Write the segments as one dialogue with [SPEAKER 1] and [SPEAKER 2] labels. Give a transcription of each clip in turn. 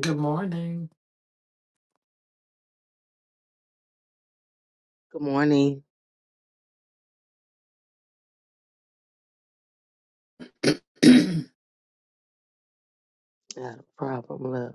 [SPEAKER 1] Good morning.
[SPEAKER 2] Good morning. Not a problem, love.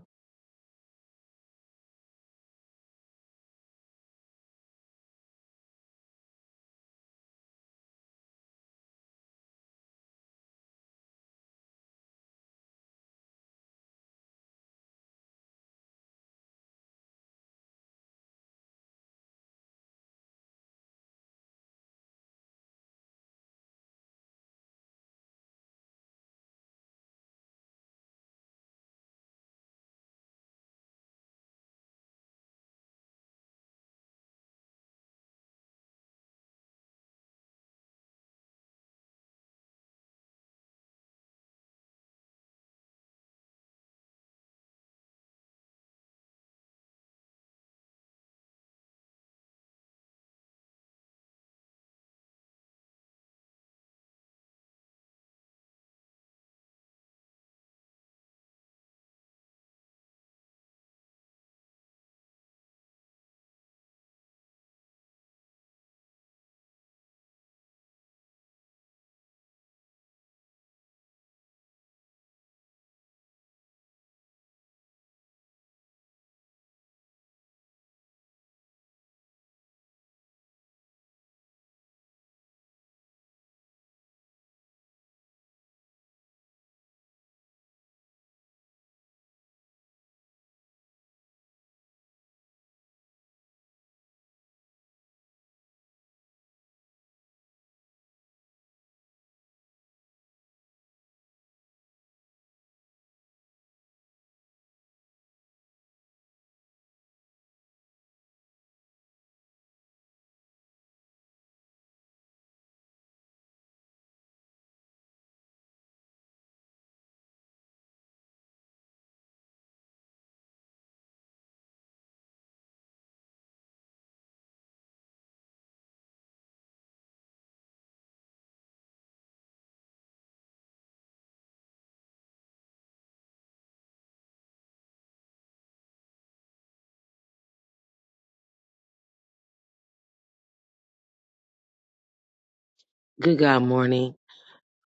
[SPEAKER 2] Good God morning.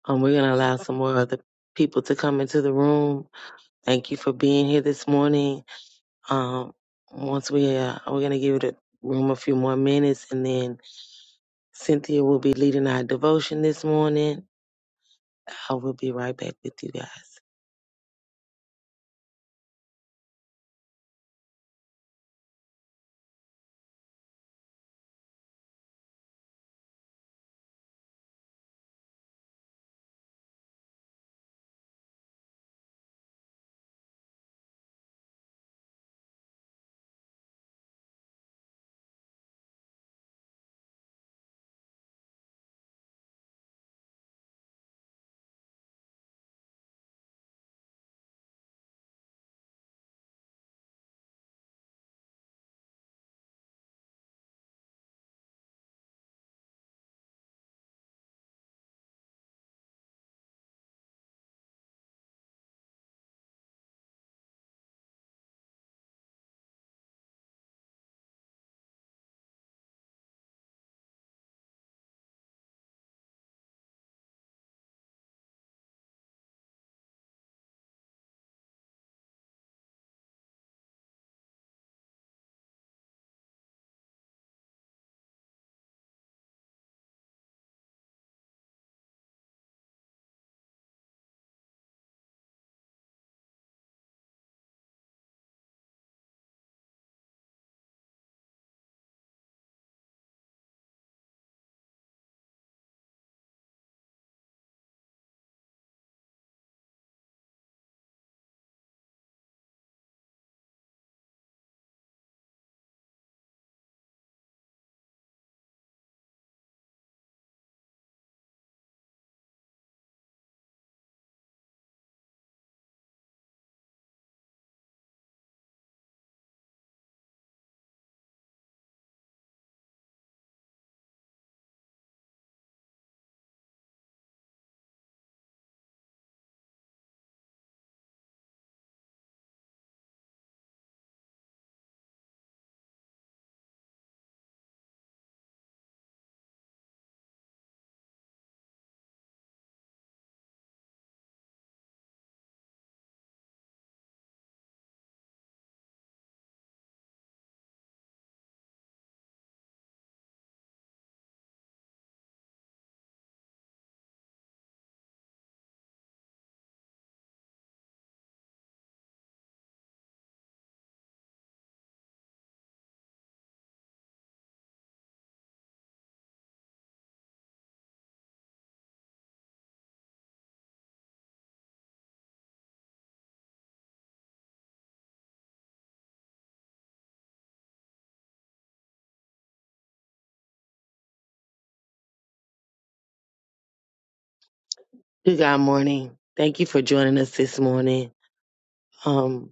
[SPEAKER 2] Um, we're gonna allow some more other people to come into the room. Thank you for being here this morning. Um, once we uh, we're gonna give the room a few more minutes, and then Cynthia will be leading our devotion this morning. I will be right back with you guys. Good God morning. Thank you for joining us this morning. Um,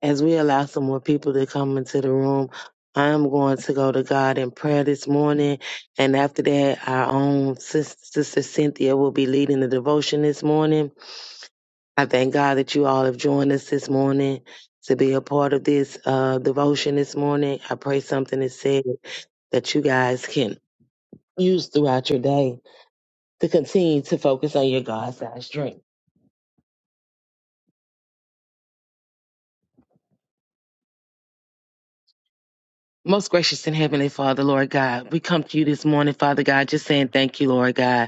[SPEAKER 2] As we allow some more people to come into the room, I am going to go to God in prayer this morning. And after that, our own sis- sister Cynthia will be leading the devotion this morning. I thank God that you all have joined us this morning to be a part of this uh, devotion this morning. I pray something is said that you guys can use throughout your day to continue to focus on your God-sized dream. Most gracious and heavenly Father, Lord God, we come to you this morning, Father God, just saying thank you, Lord God.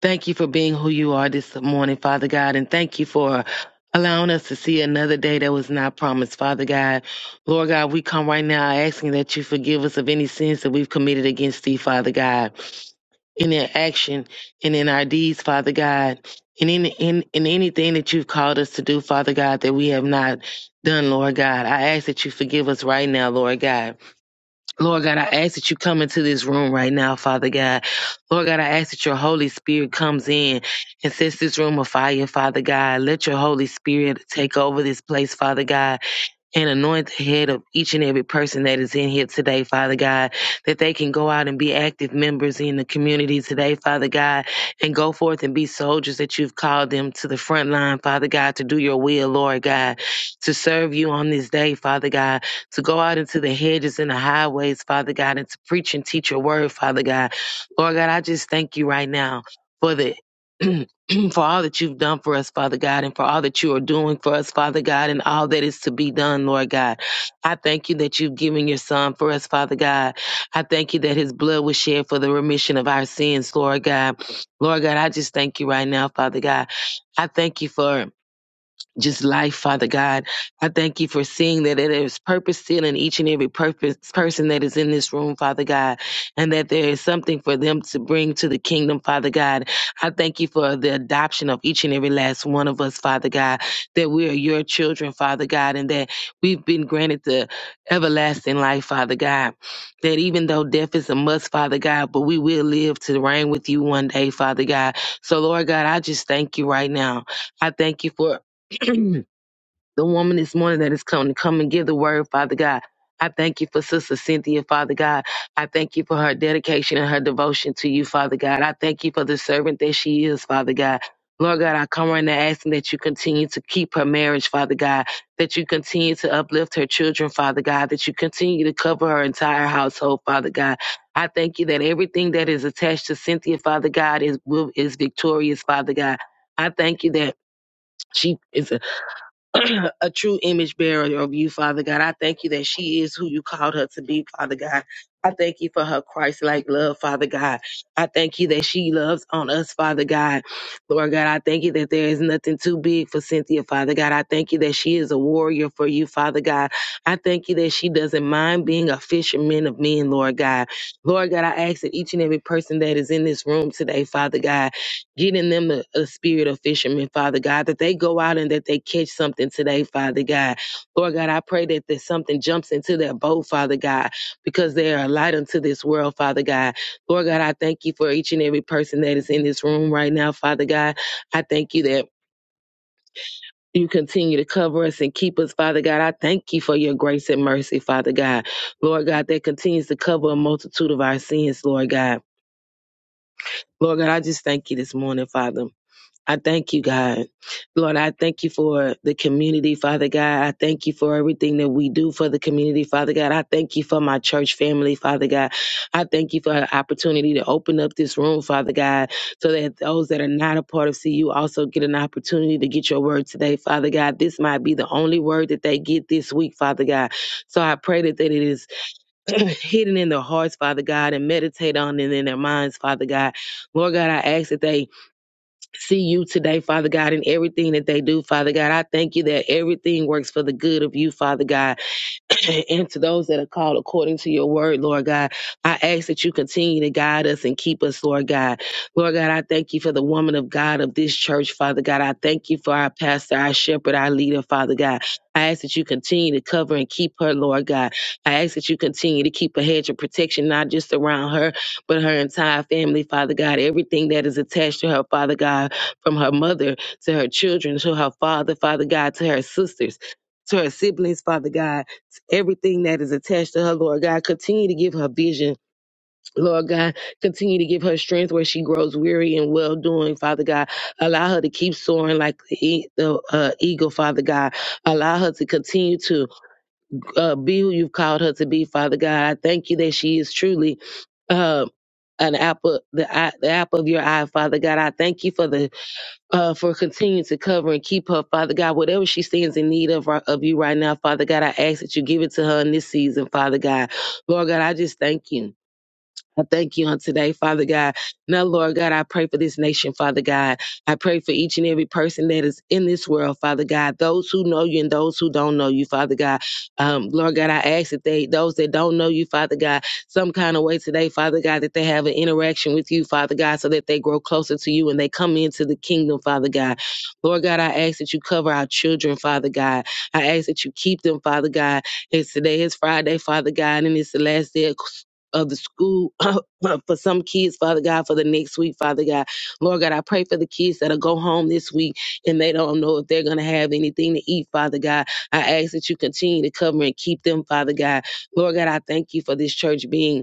[SPEAKER 2] Thank you for being who you are this morning, Father God, and thank you for allowing us to see another day that was not promised, Father God. Lord God, we come right now asking that you forgive us of any sins that we've committed against thee, Father God, in our action and in our deeds, Father God, and in, in, in anything that you've called us to do, Father God, that we have not done, Lord God. I ask that you forgive us right now, Lord God. Lord God, I ask that you come into this room right now, Father God. Lord God, I ask that your Holy Spirit comes in and sets this room afire, Father God. Let your Holy Spirit take over this place, Father God and anoint the head of each and every person that is in here today, Father God, that they can go out and be active members in the community today, Father God, and go forth and be soldiers that you've called them to the front line, Father God, to do your will, Lord God, to serve you on this day, Father God, to go out into the hedges and the highways, Father God, and to preach and teach your word, Father God. Lord God, I just thank you right now for the for all that you've done for us, Father God, and for all that you are doing for us, Father God, and all that is to be done, Lord God. I thank you that you've given your son for us, Father God. I thank you that his blood was shed for the remission of our sins, Lord God. Lord God, I just thank you right now, Father God. I thank you for just life, Father God. I thank you for seeing that there is purpose still in each and every purpose person that is in this room, Father God, and that there is something for them to bring to the kingdom, Father God. I thank you for the adoption of each and every last one of us, Father God, that we are your children, Father God, and that we've been granted the everlasting life, Father God. That even though death is a must, Father God, but we will live to reign with you one day, Father God. So, Lord God, I just thank you right now. I thank you for the woman this morning that is coming to come and give the word, Father God. I thank you for Sister Cynthia, Father God. I thank you for her dedication and her devotion to you, Father God. I thank you for the servant that she is, Father God. Lord God, I come right now asking that you continue to keep her marriage, Father God, that you continue to uplift her children, Father God, that you continue to cover her entire household, Father God. I thank you that everything that is attached to Cynthia, Father God, is will- is victorious, Father God. I thank you that she is a true image bearer of you, Father God. I thank you that she is who you called her to be, Father God. I thank you for her Christ like love, Father God. I thank you that she loves on us, Father God. Lord God, I thank you that there is nothing too big for Cynthia, Father God. I thank you that she is a warrior for you, Father God. I thank you that she doesn't mind being a fisherman of men, Lord God. Lord God, I ask that each and every person that is in this room today, Father God, Get in them a, a spirit of fishermen, Father God, that they go out and that they catch something today, Father God. Lord God, I pray that there's something jumps into their boat, Father God, because they are a light unto this world, Father God. Lord God, I thank you for each and every person that is in this room right now, Father God. I thank you that you continue to cover us and keep us, Father God. I thank you for your grace and mercy, Father God. Lord God, that continues to cover a multitude of our sins, Lord God. Lord God, I just thank you this morning, Father. I thank you, God. Lord, I thank you for the community, Father God. I thank you for everything that we do for the community, Father God. I thank you for my church family, Father God. I thank you for the opportunity to open up this room, Father God, so that those that are not a part of CU also get an opportunity to get your word today, Father God. This might be the only word that they get this week, Father God. So I pray that, that it is hidden in their hearts, Father God, and meditate on it in their minds, Father God. Lord God, I ask that they see you today, Father God, in everything that they do, Father God. I thank you that everything works for the good of you, Father God. and to those that are called according to your word, Lord God, I ask that you continue to guide us and keep us, Lord God. Lord God, I thank you for the woman of God of this church, Father God. I thank you for our pastor, our shepherd, our leader, Father God. I ask that you continue to cover and keep her, Lord God. I ask that you continue to keep a hedge of protection, not just around her, but her entire family, Father God. Everything that is attached to her, Father God, from her mother to her children, to her father, Father God, to her sisters, to her siblings, Father God everything that is attached to her, Lord God. Continue to give her vision, Lord God. Continue to give her strength where she grows weary and well doing, Father God. Allow her to keep soaring like the, e- the uh, eagle, Father God. Allow her to continue to uh, be who you've called her to be, Father God. I thank you that she is truly. Uh, an apple, the eye, the apple of your eye, Father God. I thank you for the uh, for continuing to cover and keep her, Father God. Whatever she stands in need of, right, of you right now, Father God, I ask that you give it to her in this season, Father God. Lord God, I just thank you. I thank you on today, Father God. Now, Lord God, I pray for this nation, Father God. I pray for each and every person that is in this world, Father God. Those who know you and those who don't know you, Father God. Um, Lord God, I ask that they, those that don't know you, Father God, some kind of way today, Father God, that they have an interaction with you, Father God, so that they grow closer to you and they come into the kingdom, Father God. Lord God, I ask that you cover our children, Father God. I ask that you keep them, Father God. It's today is Friday, Father God, and it's the last day of of the school for some kids, Father God, for the next week, Father God. Lord God, I pray for the kids that'll go home this week and they don't know if they're gonna have anything to eat, Father God. I ask that you continue to cover and keep them, Father God. Lord God, I thank you for this church being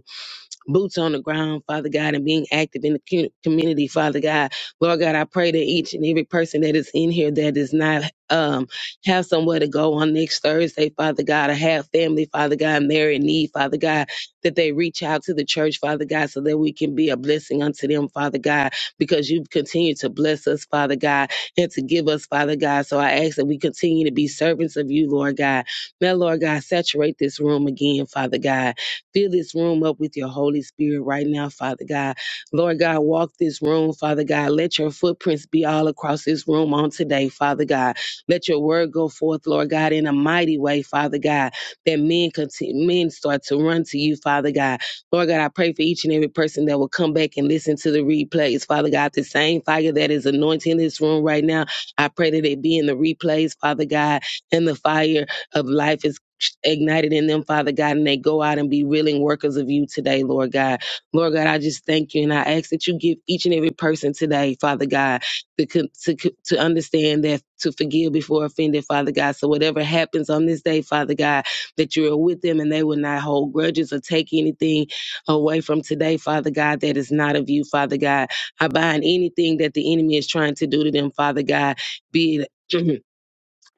[SPEAKER 2] boots on the ground, Father God, and being active in the cu- community, Father God. Lord God, I pray that each and every person that is in here that does not um have somewhere to go on next Thursday, Father God, or have family, Father God, and they're in need, Father God, that they reach out to the church, Father God, so that we can be a blessing unto them, Father God, because you continue to bless us, Father God, and to give us, Father God. So I ask that we continue to be servants of you, Lord God. Now, Lord God, saturate this room again, Father God. Fill this room up with your Holy Spirit right now, Father God. Lord God, walk this room, Father God. Let your footprints be all across this room on today, Father God. Let your word go forth, Lord God, in a mighty way, Father God, that men continue, men start to run to you, Father God. Lord God, I pray for each and every person that will come back and listen to the replays, Father God. The same fire that is anointing this room right now, I pray that it be in the replays, Father God, and the fire of life is ignited in them, Father God, and they go out and be willing workers of you today, Lord God. Lord God, I just thank you and I ask that you give each and every person today, Father God, to, to, to understand that to forgive before offended, Father God. So whatever happens on this day, Father God, that you are with them and they will not hold grudges or take anything away from today, Father God, that is not of you, Father God. I bind anything that the enemy is trying to do to them, Father God, be it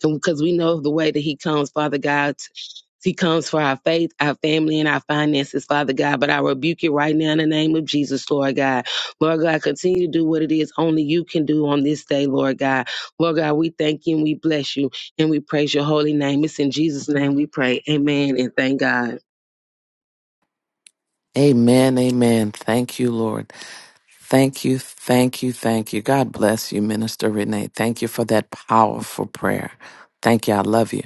[SPEAKER 2] because we know the way that he comes, Father God. He comes for our faith, our family, and our finances, Father God. But I rebuke it right now in the name of Jesus, Lord God. Lord God, continue to do what it is only you can do on this day, Lord God. Lord God, we thank you and we bless you and we praise your holy name. It's in Jesus' name we pray. Amen and thank God.
[SPEAKER 1] Amen, amen. Thank you, Lord. Thank you, thank you, thank you. God bless you, Minister Renee. Thank you for that powerful prayer. Thank you. I love you.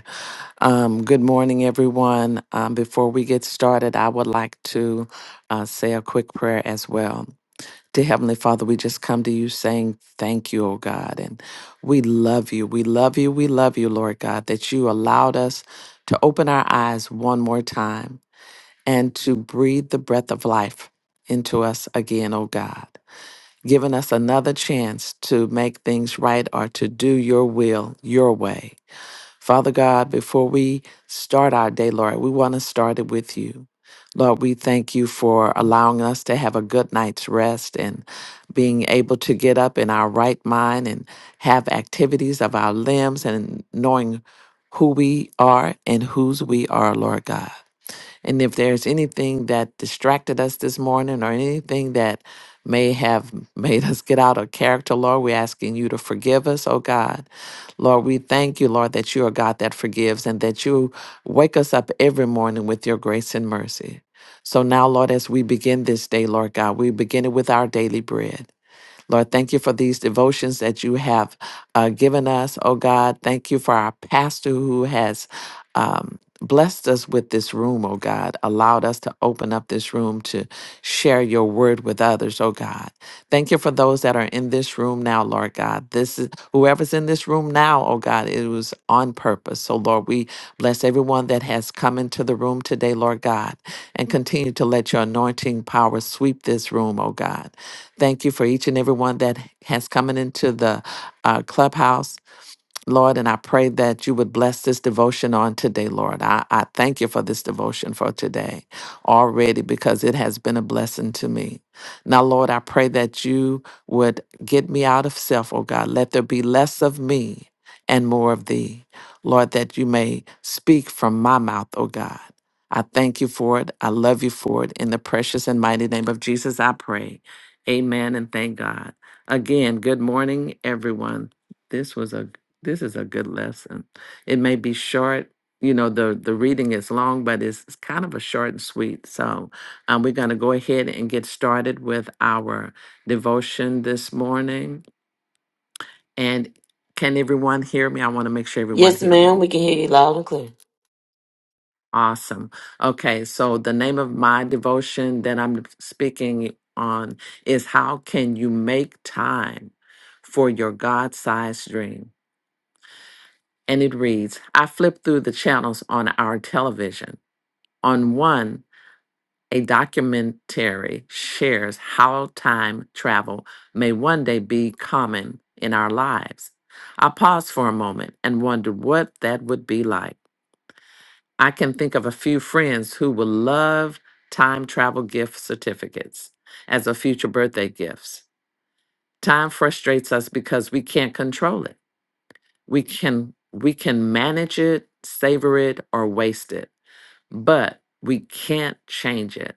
[SPEAKER 1] Um, good morning, everyone. Um, before we get started, I would like to uh, say a quick prayer as well. Dear Heavenly Father, we just come to you saying thank you, oh God. And we love you. We love you. We love you, Lord God, that you allowed us to open our eyes one more time and to breathe the breath of life into us again, O God, giving us another chance to make things right or to do your will your way. Father God, before we start our day, Lord, we want to start it with you. Lord, we thank you for allowing us to have a good night's rest and being able to get up in our right mind and have activities of our limbs and knowing who we are and whose we are, Lord God. And if there's anything that distracted us this morning or anything that may have made us get out of character, Lord, we're asking you to forgive us, oh God. Lord, we thank you, Lord, that you are God that forgives and that you wake us up every morning with your grace and mercy. So now, Lord, as we begin this day, Lord God, we begin it with our daily bread. Lord, thank you for these devotions that you have uh, given us. Oh God, thank you for our pastor who has um, blessed us with this room, oh God, allowed us to open up this room to share your word with others, oh God. Thank you for those that are in this room now, Lord God. This is whoever's in this room now, oh God, it was on purpose. So, Lord, we bless everyone that has come into the room today, Lord God, and continue to let your anointing power sweep this room, oh God. Thank you for each and every one that has come into the uh, clubhouse Lord, and I pray that you would bless this devotion on today, Lord. I, I thank you for this devotion for today already because it has been a blessing to me. Now, Lord, I pray that you would get me out of self, oh God. Let there be less of me and more of thee. Lord, that you may speak from my mouth, oh God. I thank you for it. I love you for it. In the precious and mighty name of Jesus, I pray. Amen and thank God. Again, good morning, everyone. This was a this is a good lesson. It may be short. You know, the, the reading is long, but it's, it's kind of a short and sweet. So um, we're going to go ahead and get started with our devotion this morning. And can everyone hear me? I want to make sure everyone
[SPEAKER 3] Yes,
[SPEAKER 1] hear
[SPEAKER 3] ma'am.
[SPEAKER 1] me.
[SPEAKER 3] We can hear you loud and clear.
[SPEAKER 1] Awesome. Okay, so the name of my devotion that I'm speaking on is How Can You Make Time for Your God Sized Dream? and it reads I flipped through the channels on our television. On one, a documentary shares how time travel may one day be common in our lives. I paused for a moment and wondered what that would be like. I can think of a few friends who will love time travel gift certificates as a future birthday gifts. Time frustrates us because we can't control it. we can we can manage it savor it or waste it but we can't change it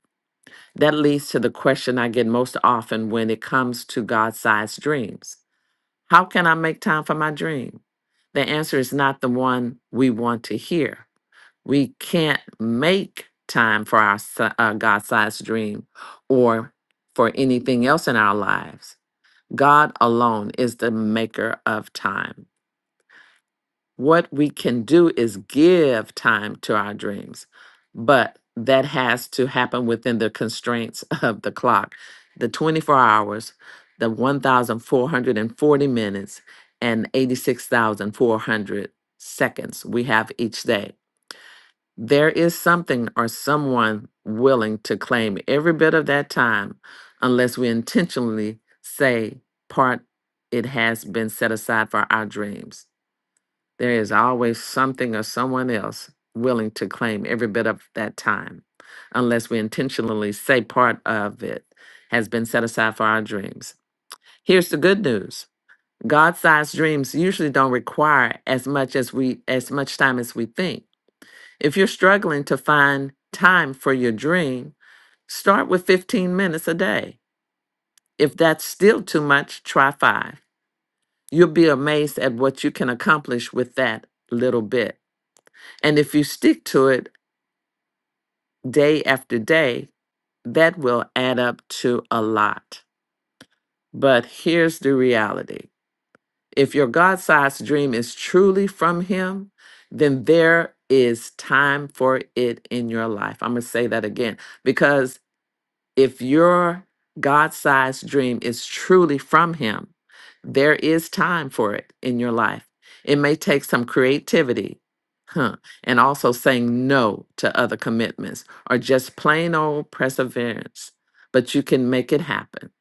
[SPEAKER 1] that leads to the question i get most often when it comes to god-sized dreams how can i make time for my dream the answer is not the one we want to hear we can't make time for our si- uh, god-sized dream or for anything else in our lives god alone is the maker of time What we can do is give time to our dreams, but that has to happen within the constraints of the clock, the 24 hours, the 1,440 minutes, and 86,400 seconds we have each day. There is something or someone willing to claim every bit of that time unless we intentionally say, part it has been set aside for our dreams. There is always something or someone else willing to claim every bit of that time, unless we intentionally say part of it has been set aside for our dreams. Here's the good news. God-sized dreams usually don't require as much as we as much time as we think. If you're struggling to find time for your dream, start with 15 minutes a day. If that's still too much, try 5. You'll be amazed at what you can accomplish with that little bit. And if you stick to it day after day, that will add up to a lot. But here's the reality if your God sized dream is truly from Him, then there is time for it in your life. I'm going to say that again because if your God-sized dream is truly from him, there is time for it in your life. It may take some creativity, huh, and also saying no to other commitments or just plain old perseverance, but you can make it happen.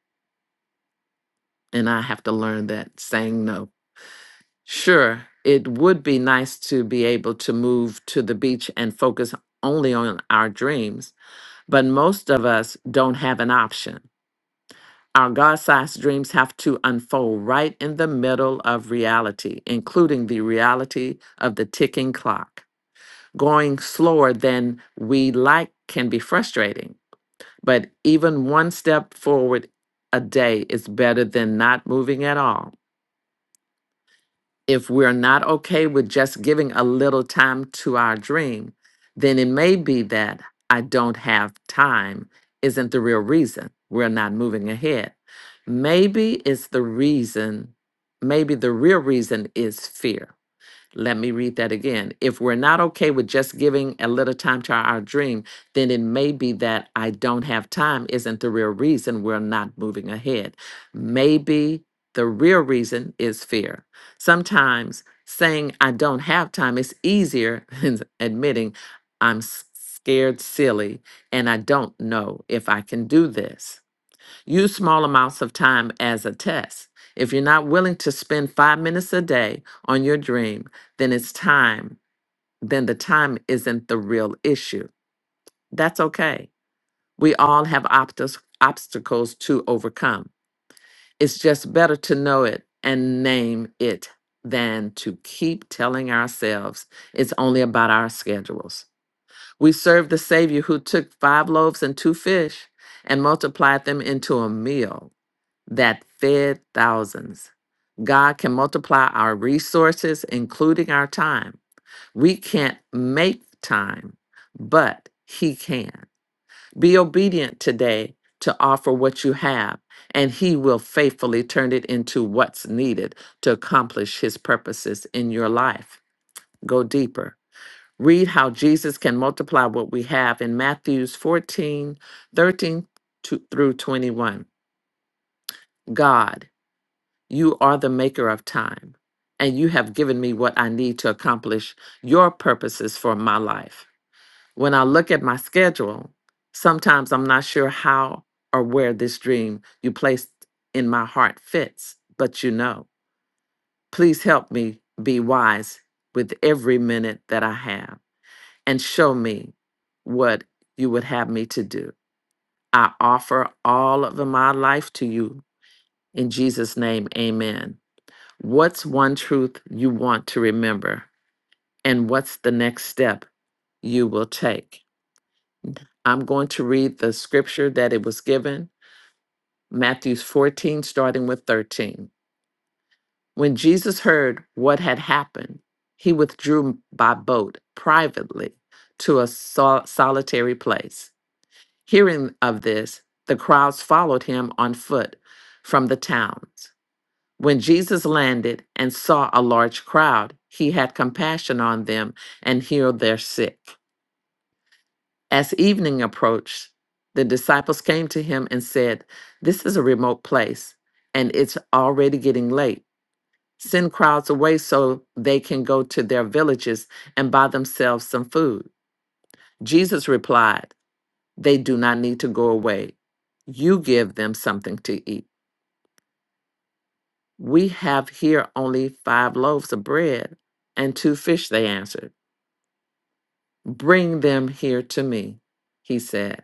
[SPEAKER 1] And I have to learn that saying no. Sure, it would be nice to be able to move to the beach and focus only on our dreams, but most of us don't have an option Our God sized dreams have to unfold right in the middle of reality, including the reality of the ticking clock. Going slower than we like can be frustrating, but even one step forward a day is better than not moving at all if we're not okay with just giving a little time to our dream, then it may be that I don't have time isn't the real reason we're not moving ahead. Maybe it's the reason, maybe the real reason is fear. Let me read that again. If we're not okay with just giving a little time to our our dream, then it may be that I don't have time isn't the real reason we're not moving ahead. Maybe the real reason is fear. Sometimes saying I don't have time is easier than admitting I'm s- scared silly and I don't know if I can do this. Use small amounts of time as a test. If you're not willing to spend five minutes a day on your dream, then it's time, then the time isn't the real issue. That's okay. We all have obstacles obstacles to overcome. It's just better to know it and name it than to keep telling ourselves it's only about our schedules. We serve the Savior who took five loaves and two fish and multiplied them into a meal that fed thousands. God can multiply our resources, including our time. We can't make time, but He can. Be obedient today to offer what you have, and He will faithfully turn it into what's needed to accomplish His purposes in your life. Go deeper. Read how Jesus can multiply what we have in Matthews 14, 13 to, through 21. God, You are the maker of time, and you have given me what I need to accomplish your purposes for my life. When I look at my schedule, sometimes I'm not sure how or where this dream you placed in my heart fits, but you know. Please help me be wise with every minute that I have and show me what you would have me to do. I offer all of my life to you. In Jesus' name, amen. What's one truth you want to remember? And what's the next step you will take? I'm going to read the scripture that it was given Matthew 14, starting with 13. When Jesus heard what had happened, he withdrew by boat privately to a sol- solitary place. Hearing of this, the crowds followed him on foot from the towns. When Jesus landed and saw a large crowd, he had compassion on them and healed their sick. As evening approached, the disciples came to him and said, This is a remote place, and it's already getting late. Send crowds away so they can go to their villages and buy themselves some food. Jesus replied, They do not need to go away. You give them something to eat. We have here only five loaves of bread and two fish, they answered. Bring them here to me, he said.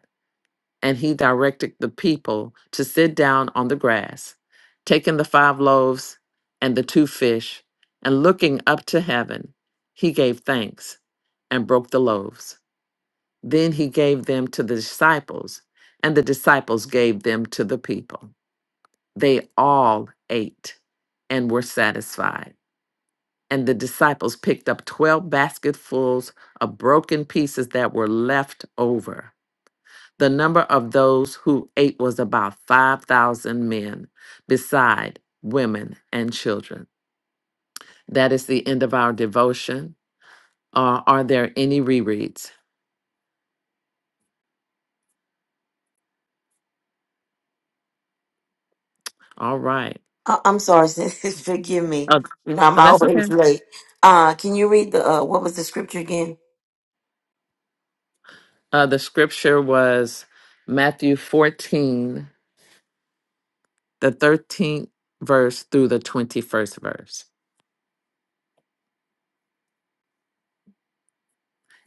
[SPEAKER 1] And he directed the people to sit down on the grass. Taking the five loaves and the two fish, and looking up to heaven, he gave thanks and broke the loaves. Then he gave them to the disciples, and the disciples gave them to the people. They all ate and were satisfied. And the disciples picked up 12 basketfuls of broken pieces that were left over. The number of those who ate was about 5,000 men, beside women and children. That is the end of our devotion. Uh, are there any rereads? All right.
[SPEAKER 3] I- I'm sorry, sis. Forgive me.
[SPEAKER 1] Uh,
[SPEAKER 3] I'm
[SPEAKER 1] oh, that's okay.
[SPEAKER 3] always late. Uh, can you read the uh, what was the scripture again?
[SPEAKER 1] Uh, the scripture was Matthew 14, the 13th verse through the 21st verse.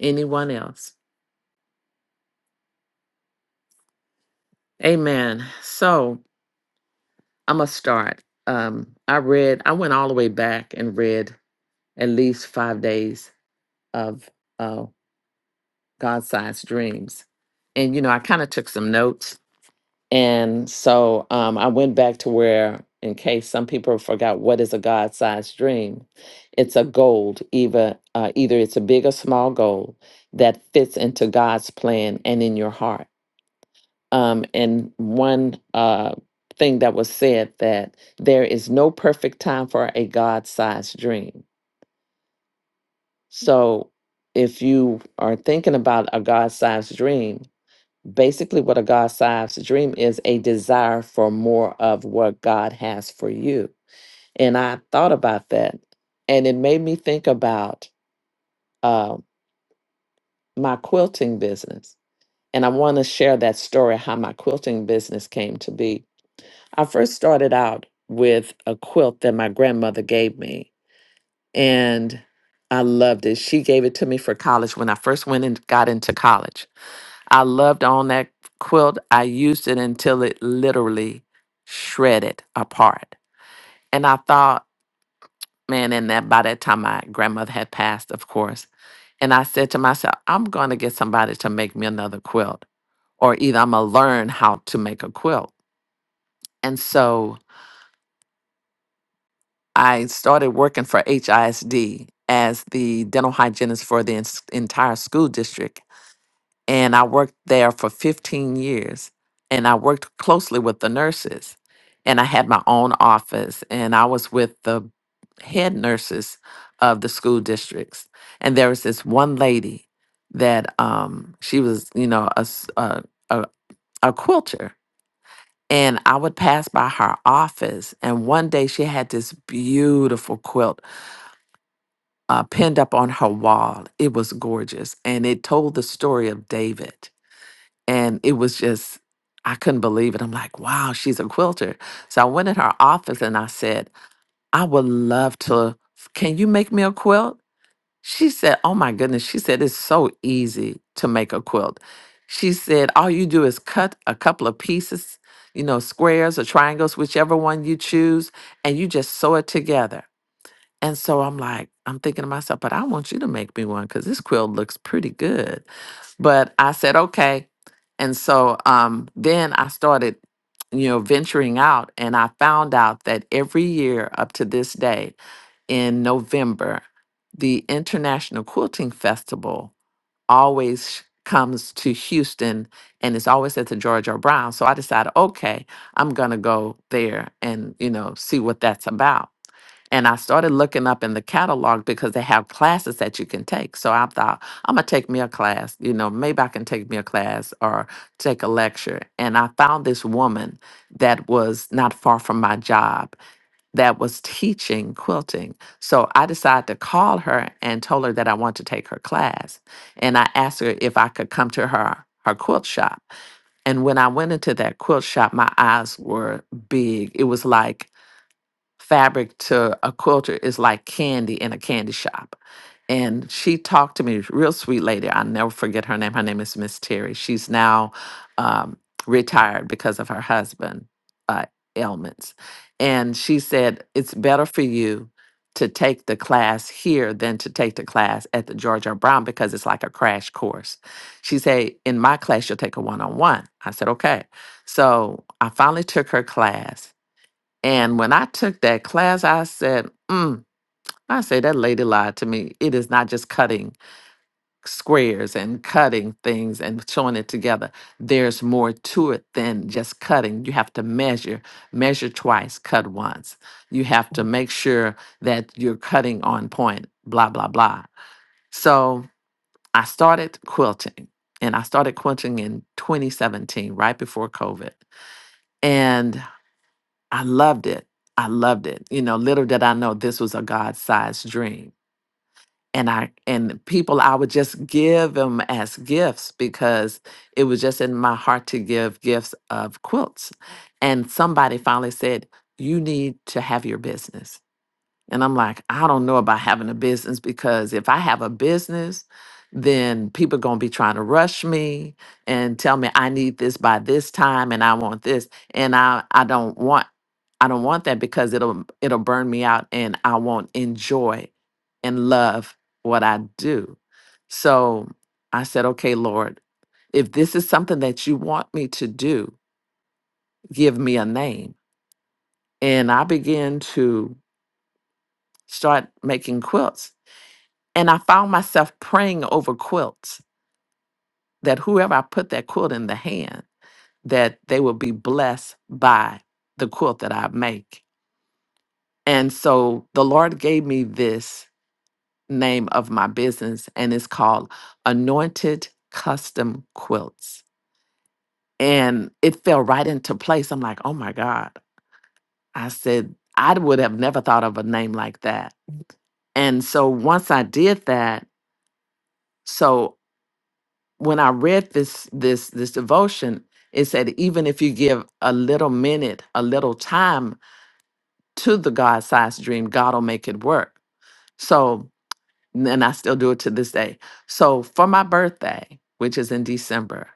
[SPEAKER 1] Anyone else? Amen. So, I'm gonna start. Um, I read. I went all the way back and read at least five days of uh, God-sized dreams, and you know, I kind of took some notes, and so um, I went back to where, in case some people forgot, what is a God-sized dream? It's a goal, either uh, either it's a big or small goal that fits into God's plan and in your heart um, and one uh, thing that was said that there is no perfect time for a God-sized dream. So, if you are thinking about a God-sized dream, basically what a God-sized dream is a desire for more of what God has for you. And I thought about that, and it made me think about uh, my quilting business. And I want to share that story how my quilting business came to be I first started out with a quilt that my grandmother gave me, and I loved it. She gave it to me for college when I first went and got into college. I loved on that quilt. I used it until it literally shredded apart. And I thought, man, and that by that time my grandmother had passed, of course. And I said to myself, I'm going to get somebody to make me another quilt, or either I'm going to learn how to make a quilt. And so I started working for HISD as the dental hygienist for the ens- entire school district. And I worked there for 15 years. And I worked closely with the nurses. And I had my own office. And I was with the head nurses of the school districts. And there was this one lady that um, she was, you know, a, s- a, a a quilter. And I would pass by her office. And one day she had this beautiful quilt uh, pinned up on her wall. It was gorgeous. And it told the story of David. And it was just, I couldn't believe it. I'm like, wow, she's a quilter. So I went in her office and I said, I would love to, can you make me a quilt? She said, oh my goodness. She said, it's so easy to make a quilt. She said, all you do is cut a couple of pieces, you know, squares or triangles, whichever one you choose, and you just sew it together. And so I'm like, I'm thinking to myself, but I want you to make me one because this quilt looks pretty good. But I said, okay. And so um, then I started, you know, venturing out and I found out that every year up to this day in November, the International Quilting Festival always sh- comes to Houston and it's always at the George R. Brown. So I decided, okay, I'm going to go there and, you know, see what that's about. And I started looking up in the catalog because they have classes that you can take. So I thought, I'm going to take me a class. You know, maybe I can take me a class or take a lecture. And I found this woman that was not far from my job that was teaching quilting. So I decided to call her and told her that I wanted to take her class. And I asked her if I could come to her her quilt shop. And when I went into that quilt shop, my eyes were big. It was like fabric to a quilter is like candy in a candy shop. And she talked to me, real sweet lady. I'll never forget her name. Her name is Miss Terry. She's now um, retired because of her husband uh, ailments. And she said, It's better for you to take the class here than to take the class at the George R. Brown because it's like a crash course. She said, In my class, you'll take a one on one. I said, Okay. So I finally took her class and when I took that class, I said, mm, I say that lady lied to me. It is not just cutting squares and cutting things and showing it together. There's more to it than just cutting. You have to measure, measure twice, cut once. You have to make sure that you're cutting on point, blah, blah, blah. So I started quilting and I started quilting in 2017, right before COVID. and. I loved it. I loved it. You know, little did I know this was a God-sized dream. And I and people I would just give them as gifts because it was just in my heart to give gifts of quilts. And somebody finally said, "You need to have your business." And I'm like, I don't know about having a business because if I have a business, then people going to be trying to rush me and tell me I need this by this time and I want this and I I don't want I don't want that because it'll it'll burn me out and I won't enjoy and love what I do. So I said, "Okay, Lord, if this is something that you want me to do, give me a name." And I began to start making quilts And I found myself praying over quilts that whoever I put that quilt in the hand, that they would be blessed by the quilt that I make. And so the Lord gave me this name of my business, and it's called Anointed Custom Quilts. And it fell right into place. I'm like, oh my God. I said, I would have never thought of a name like that. And so once I did that, so when I read this this this devotion, it said even if you give a little minute, a little time to the God-sized dream, God will make it work. So, and I still do it to this day. So for my birthday, which is in December,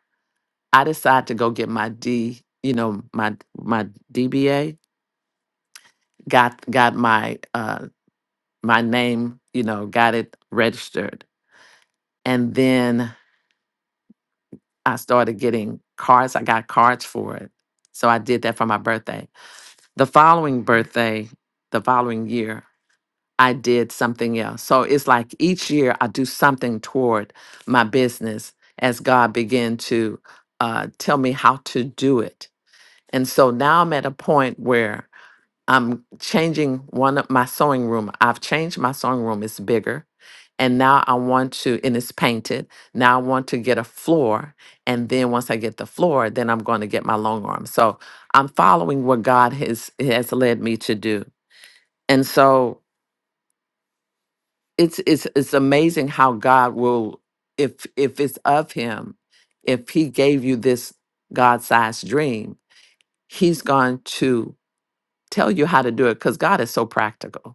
[SPEAKER 1] I decided to go get my D, you know, my my DBA. Got got my uh my name, you know, got it registered, and then I started getting cards. I got cards for it. So I did that for my birthday the following birthday, the following year, I did something else. So it's like each year I do something toward my business as God began to uh, tell me how to do it. And so now I'm at a point where I'm changing one of my sewing room. I've changed my sewing room. It's bigger. And now I want to, and it's painted. Now I want to get a floor. And then once I get the floor, then I'm going to get my long arm. So I'm following what God has has led me to do. And so it's it's it's amazing how God will, if if it's of him, if he gave you this God-sized dream, he's going to tell you how to do it because God is so practical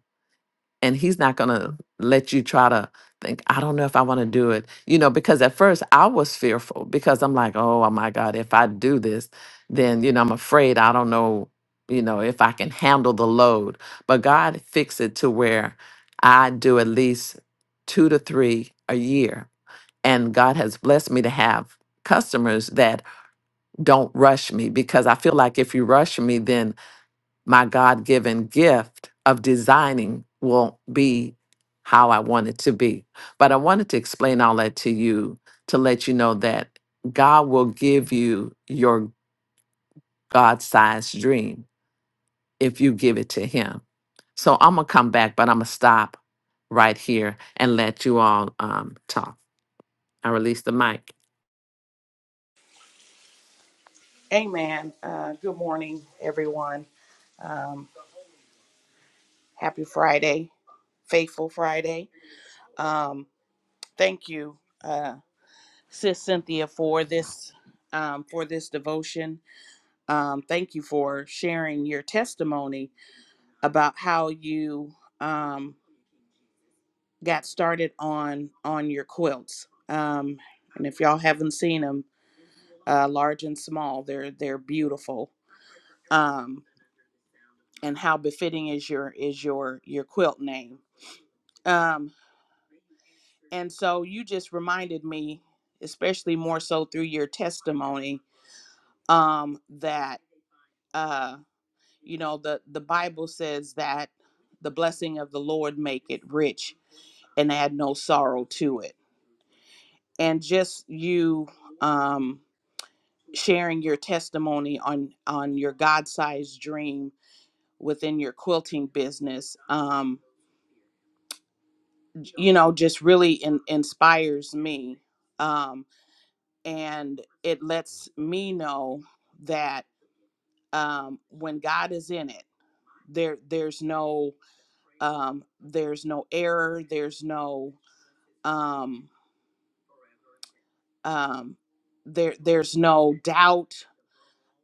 [SPEAKER 1] and he's not going to let you try to think i don't know if i want to do it you know because at first i was fearful because i'm like oh oh my god if i do this then you know i'm afraid i don't know you know if i can handle the load but god fixed it to where i do at least two to three a year and god has blessed me to have customers that don't rush me because i feel like if you rush me then my God given gift of designing won't be how I want it to be. But I wanted to explain all that to you to let you know that God will give you your God sized dream if you give it to Him. So I'm going to come back, but I'm going to stop right here and let you all um, talk. I release the mic.
[SPEAKER 4] Amen. Uh, good morning, everyone. Um, happy Friday, faithful Friday. Um, thank you, uh, Sis Cynthia, for this um, for this devotion. Um, thank you for sharing your testimony about how you um, got started on on your quilts. Um, and if y'all haven't seen them, uh, large and small, they're they're beautiful. Um, and how befitting is your is your your quilt name Um, and so you just reminded me, especially more so through your testimony, um, that uh, you know the the Bible says that the blessing of the Lord make it rich and add no sorrow to it. And just you um, sharing your testimony on on your God sized dream within your quilting business, um, you know, just really in, inspires me Um, and it lets me know that um, when God is in it, there there's no um, there's no error, there's no um, um, there there's no doubt,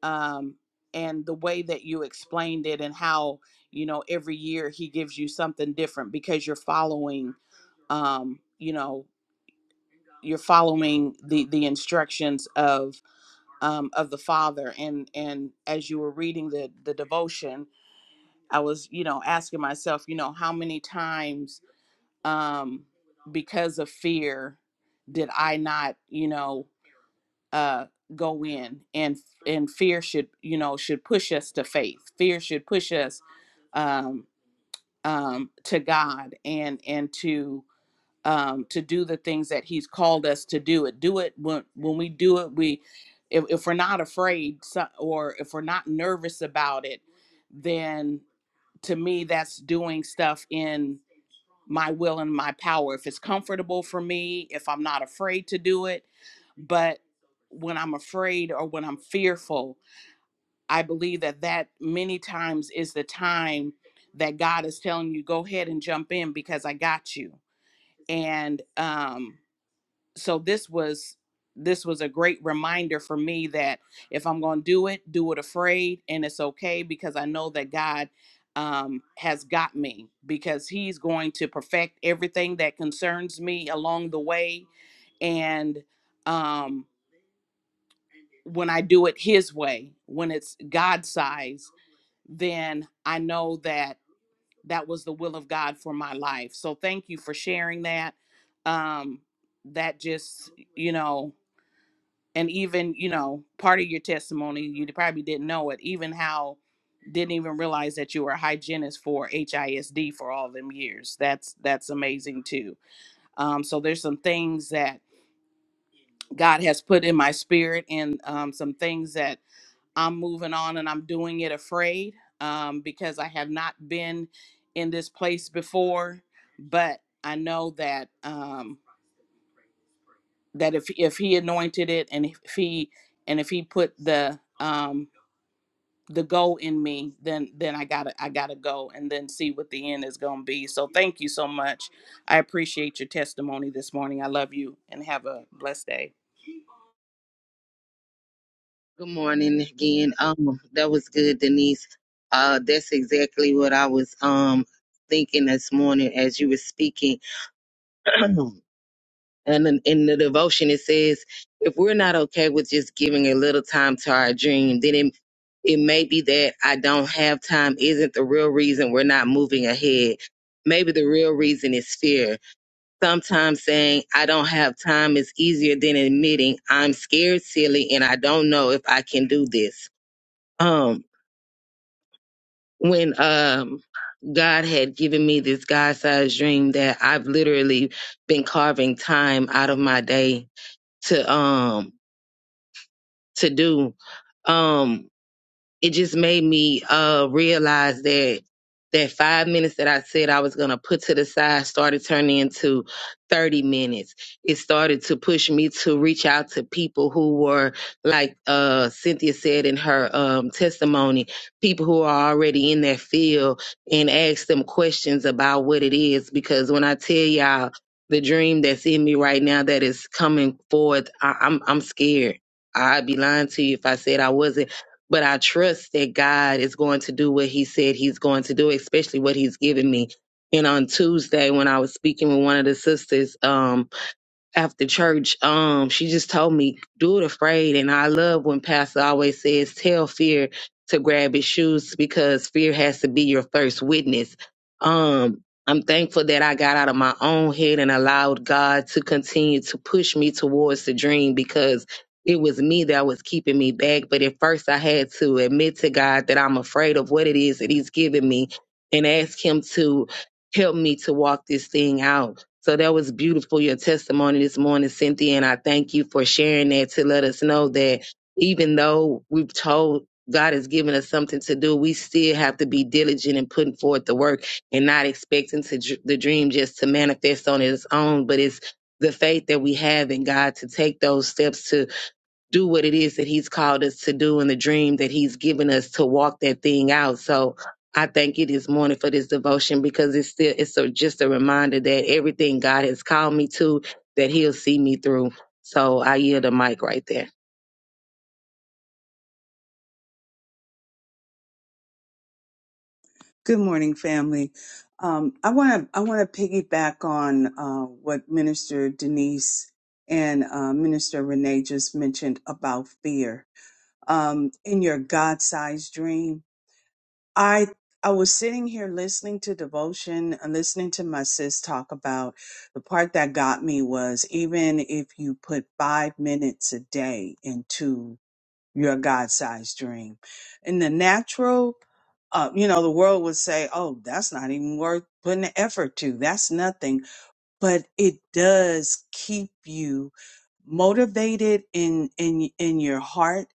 [SPEAKER 4] um, and the way that you explained it and how you know every year He gives you something different because you're following um, you know you're following the the instructions of. um, of the Father. And and as you were reading the the devotion, I was you know asking myself, you know, how many times um, because of fear did I not you know uh, go in and and fear should you know should push us to faith. Fear should push us um, um, to God and and to um, to do the things that he's called us to do it do it when when we do it we if, if we're not afraid so- or if we're not nervous about it then to me that's doing stuff in my will and my power if it's comfortable for me if i'm not afraid to do it but when i'm afraid or when i'm fearful i believe that that many times is the time that god is telling you go ahead and jump in because i got you and um so this was this was a great reminder for me that if I'm going to do it, do it afraid, and it's okay because I know that God um, has got me because He's going to perfect everything that concerns me along the way. And um, when I do it His way, when it's God size, then I know that that was the will of God for my life. So thank you for sharing that. Um, that just you know and even you know part of your testimony you probably didn't know it even how didn't even realize that you were a hygienist for HISD for all them years that's that's amazing too um so there's some things that God has put in my spirit and um some things that I'm moving on and I'm doing it afraid um because I have not been in this place before but I know that um that if if he anointed it and if he and if he put the um the go in me then then i gotta i gotta go and then see what the end is gonna be so thank you so much i appreciate your testimony this morning i love you and have a blessed day
[SPEAKER 2] Good morning again. Um, that was good, Denise. Uh, that's exactly what I was um thinking this morning as you were speaking. And in, in the devotion, it says, if we're not okay with just giving a little time to our dream, then it, it may be that I don't have time isn't the real reason we're not moving ahead. Maybe the real reason is fear. Sometimes saying I don't have time is easier than admitting I'm scared, silly, and I don't know if I can do this. Um, when um God had given me this God-sized dream that I've literally been carving time out of my day to um to do. Um, it just made me uh realize that that five minutes that I said I was gonna put to the side started turning into thirty minutes. It started to push me to reach out to people who were like uh Cynthia said in her um testimony, people who are already in that field and ask them questions about what it is because when I tell y'all the dream that's in me right now that is coming forth, I, I'm I'm scared. I'd be lying to you if I said I wasn't but I trust that God is going to do what He said He's going to do, especially what He's given me. And on Tuesday, when I was speaking with one of the sisters, um, after church, um, she just told me, do it afraid. And I love when Pastor always says, tell fear to grab its shoes because fear has to be your first witness. Um, I'm thankful that I got out of my own head and allowed God to continue to push me towards the dream because it was me that was keeping me back. But at first, I had to admit to God that I'm afraid of what it is that He's giving me and ask Him to help me to walk this thing out so that was beautiful, your testimony this morning, Cynthia. And I thank you for sharing that to let us know that even though we've told God has given us something to do, we still have to be diligent in putting forth the work and not expecting to, dr- the dream just to manifest on its own. But it's the faith that we have in God to take those steps to do what it is that he's called us to do and the dream that he's given us to walk that thing out. So I thank you this morning for this devotion because it's still it's a, just a reminder that everything God has called me to, that he'll see me through. So I yield the mic right there.
[SPEAKER 5] Good morning, family. Um, I want to I want to piggyback on uh, what Minister Denise and uh, Minister Renee just mentioned about fear. Um, in your God-sized dream, I I was sitting here listening to devotion and listening to my sis talk about the part that got me was even if you put five minutes a day into your God sized dream. In the natural, uh, you know, the world would say, oh, that's not even worth putting the effort to. That's nothing. But it does keep you motivated in, in, in your heart.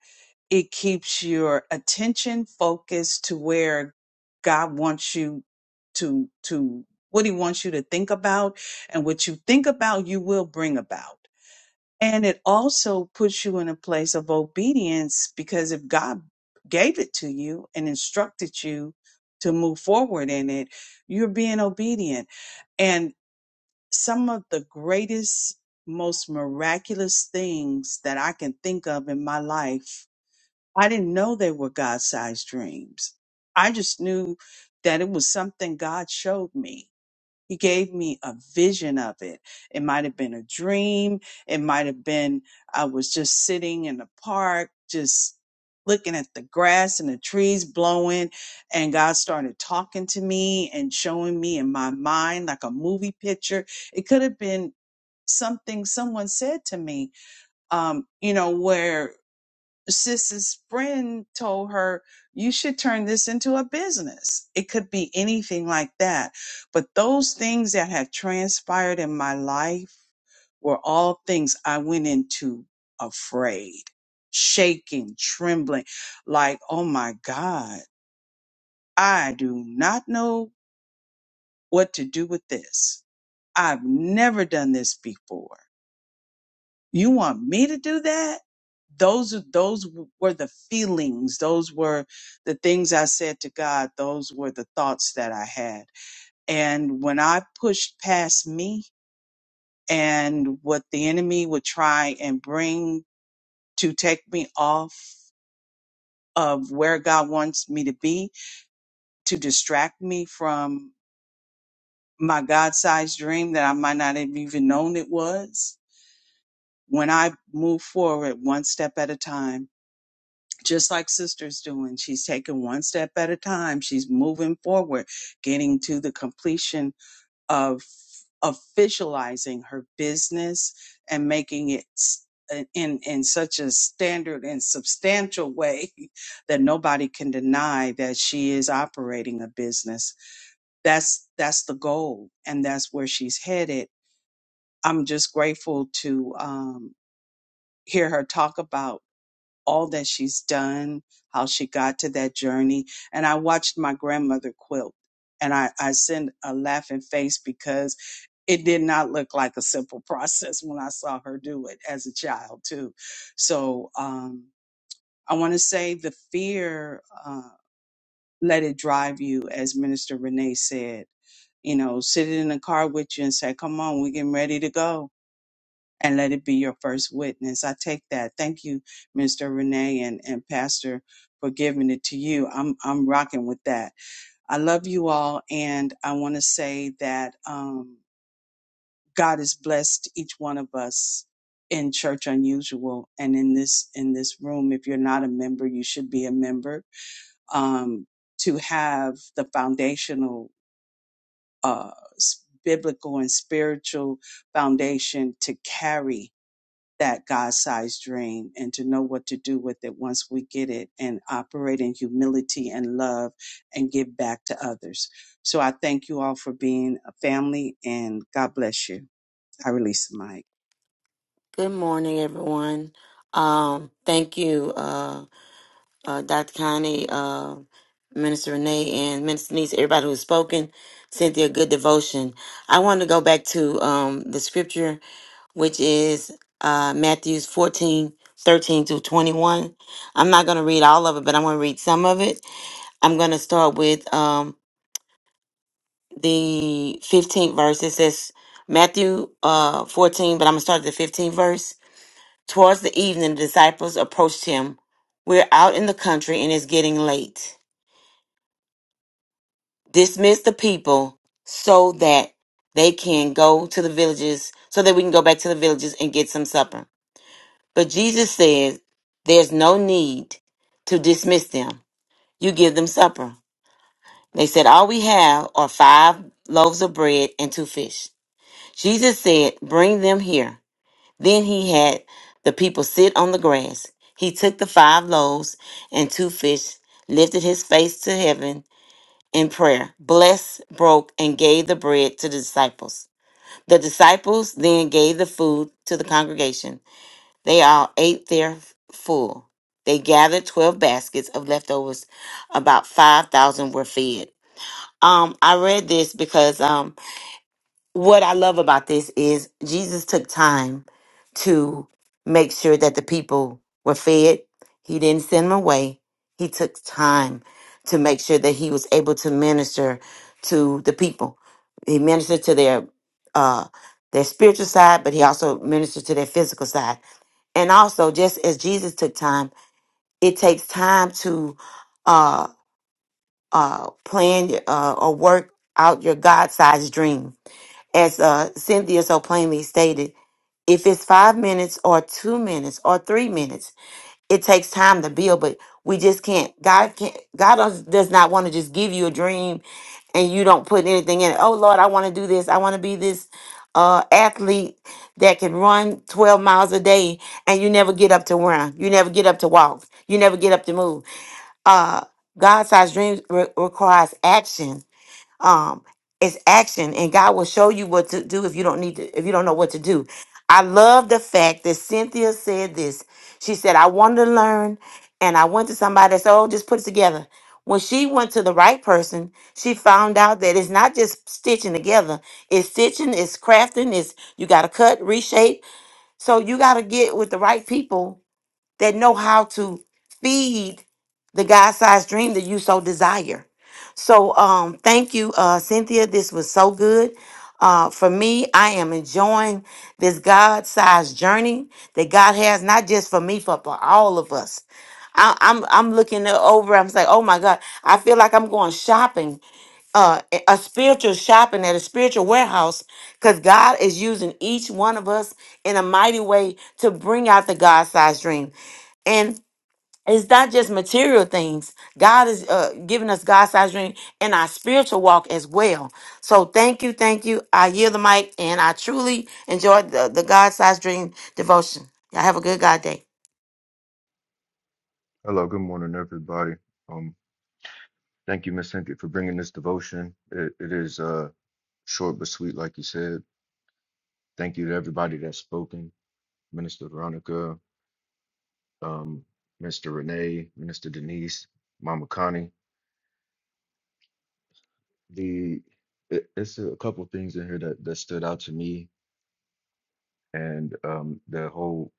[SPEAKER 5] It keeps your attention focused to where God wants you to, to what he wants you to think about. And what you think about, you will bring about. And it also puts you in a place of obedience because if God gave it to you and instructed you to move forward in it, you're being obedient. And some of the greatest, most miraculous things that I can think of in my life, I didn't know they were God sized dreams. I just knew that it was something God showed me he gave me a vision of it. It might have been a dream. It might have been I was just sitting in the park, just looking at the grass and the trees blowing. And God started talking to me and showing me in my mind like a movie picture. It could have been something someone said to me, um, you know, where sis's friend told her you should turn this into a business it could be anything like that but those things that have transpired in my life were all things i went into afraid shaking trembling like oh my god i do not know what to do with this i've never done this before You want me to do that? Those are- those w- were the feelings. Those were the things I said to God. Those were the thoughts that I had. And when I pushed past me and what the enemy would try and bring to take me off of where God wants me to be, to distract me from my God-sized dream that I might not have even known it was. When I move forward one step at a time, just like sister's doing. She's taking one step at a time. She's moving forward, getting to the completion of of visualizing her business and making it s- in in such a standard and substantial way that nobody can deny that she is operating a business. That's that's the goal, and that's where she's headed. I'm just grateful to um, hear her talk about all that she's done, how she got to that journey. And I watched my grandmother quilt and I, I sent a laughing face because it did not look like a simple process when I saw her do it as a child too. So, um, I want to say the fear, uh, let it drive you, as Minister Renee said, you know, sit in the car with you and say, come on, we're getting ready to go and let it be your first witness. I take that. Thank you, Mr. Renee and, and Pastor for giving it to you. I'm I'm rocking with that. I love you all and I want to say that um God has blessed each one of us in Church Unusual and in this in this room. If you're not a member, you should be a member. Um to have the foundational uh s- biblical and spiritual foundation to carry that God sized dream and to know what to do with it once we get it and operate in humility and love and give back to others. So I thank you all for being a family and God bless you. I release the mic.
[SPEAKER 3] Good morning, everyone. Um, thank you, uh, uh, Dr. Connie, uh, Minister Renee, and Minister Denise, everybody who's spoken. Cynthia, good devotion. I want to go back to um, the scripture, which is uh, Matthews fourteen, thirteen 13 through 21. I'm not going to read all of it, but I'm going to read some of it. I'm going to start with um, the 15th verse. It says Matthew uh, 14, but I'm going to start at the 15th verse. Towards the evening, the disciples approached him. We're out in the country and it's getting late. Dismiss the people so that they can go to the villages, so that we can go back to the villages and get some supper. But Jesus said, There's no need to dismiss them. You give them supper. They said, All we have are five loaves of bread and two fish. Jesus said, Bring them here. Then he had the people sit on the grass. He took the five loaves and two fish, lifted his face to heaven in prayer, blessed, broke, and gave the bread to the disciples. The disciples then gave the food to the congregation. They all ate their full. They gathered 12 baskets of leftovers. About 5,000 were fed. Um, I read this because um, what I love about this is Jesus took time to make sure that the people were fed. He didn't send them away. He took time to make sure that he was able to minister to the people. He ministered to their uh, their spiritual side, but he also ministered to their physical side. And also, just as Jesus took time, it takes time to uh, uh, plan uh, or work out your God-sized dream. As uh, Cynthia so plainly stated, if it's five minutes or two minutes or three minutes, it takes time to build, but we just can't. God can't, God does does not want to just give you a dream and you don't put anything in it. Oh Lord, I want to do this. I want to be this uh, athlete that can run 12 miles a day and you never get up to run. You never get up to walk. You never get up to move. Uh, God sized dreams re- requires action um it's action and god will show you what to do if you don't need to if you don't know what to do i love the fact that cynthia said this she said i wanted to learn and i went to somebody that said oh just put it together when she went to the right person she found out that it's not just stitching together it's stitching it's crafting it's you got to cut reshape so you got to get with the right people that know how to feed the God-sized dream that you so desire. So um thank you, uh Cynthia. This was so good. Uh, for me, I am enjoying this God-sized journey that God has, not just for me, but for all of us. I, I'm I'm looking it over. I'm saying, oh my God, I feel like I'm going shopping, uh, a a spiritual shopping at a spiritual warehouse, because God is using each one of us in a mighty way to bring out the God-sized dream and it's not just material things. God is uh, giving us God sized dream in our spiritual walk as well. So thank you, thank you. I yield the mic, and I truly enjoyed the, the God sized dream devotion. Y'all have a good God day.
[SPEAKER 6] Hello, good morning, everybody. Um, thank you, Miss Cynthia, for bringing this devotion. It, it is uh short but sweet, like you said. Thank you to everybody that's spoken, Minister Veronica, um, Mr. Renee, Minister Denise, Mama Connie. The it, it's a couple of things in here that that stood out to me, and um, the whole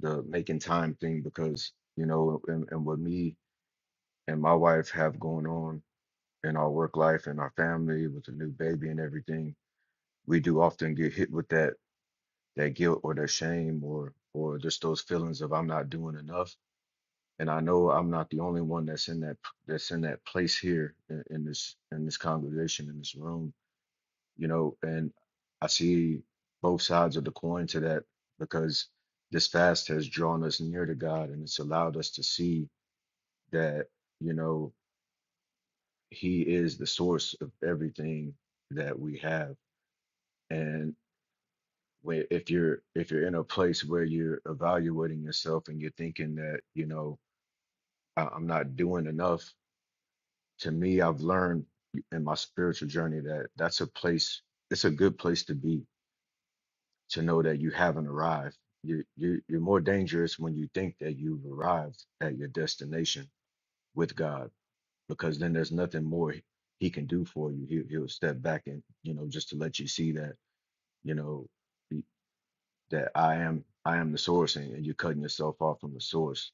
[SPEAKER 6] the making time thing because you know, and, and what me and my wife have going on in our work life and our family with a new baby and everything we do often get hit with that that guilt or that shame or or just those feelings of I'm not doing enough. And I know I'm not the only one that's in that that's in that place here in, in this in this congregation in this room, you know. And I see both sides of the coin to that because this fast has drawn us near to God and it's allowed us to see that you know He is the source of everything that we have and. where if you're if you're in a place where you're evaluating yourself and you're thinking that you know I, i'm not doing enough to me i've learned in my spiritual journey that that's a place it's a good place to be to know that you haven't arrived you, you you're more dangerous when you think that you've arrived at your destination with god because then there's nothing more he can do for you he, he'll step back and you know just to let you see that you know that I am I am the source and, and you're cutting yourself off from the source.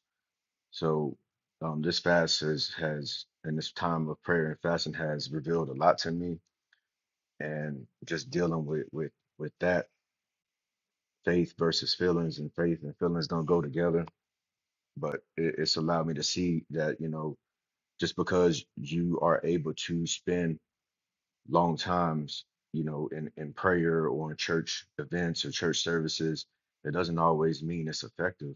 [SPEAKER 6] So um, this fast has has and this time of prayer and fasting has revealed a lot to me and just dealing with with with that faith versus feelings and faith and feelings don't go together but it, it's allowed me to see that you know just because you are able to spend long times you know in in prayer or in church events or church services it doesn't always mean it's effective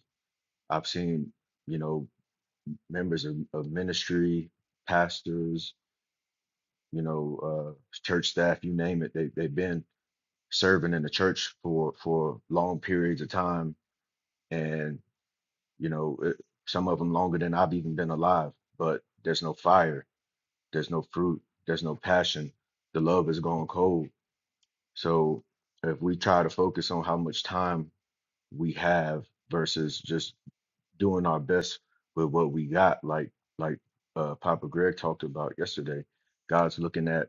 [SPEAKER 6] I've seen, you know, members of, of ministry, pastors, you know, uh, church staff, you name it. They, they've been serving in the church for, for long periods of time. And, you know, it, some of them longer than I've even been alive, but there's no fire, there's no fruit, there's no passion. The love is gone cold. So if we try to focus on how much time we have versus just doing our best with what we got like like uh papa greg talked about yesterday god's looking at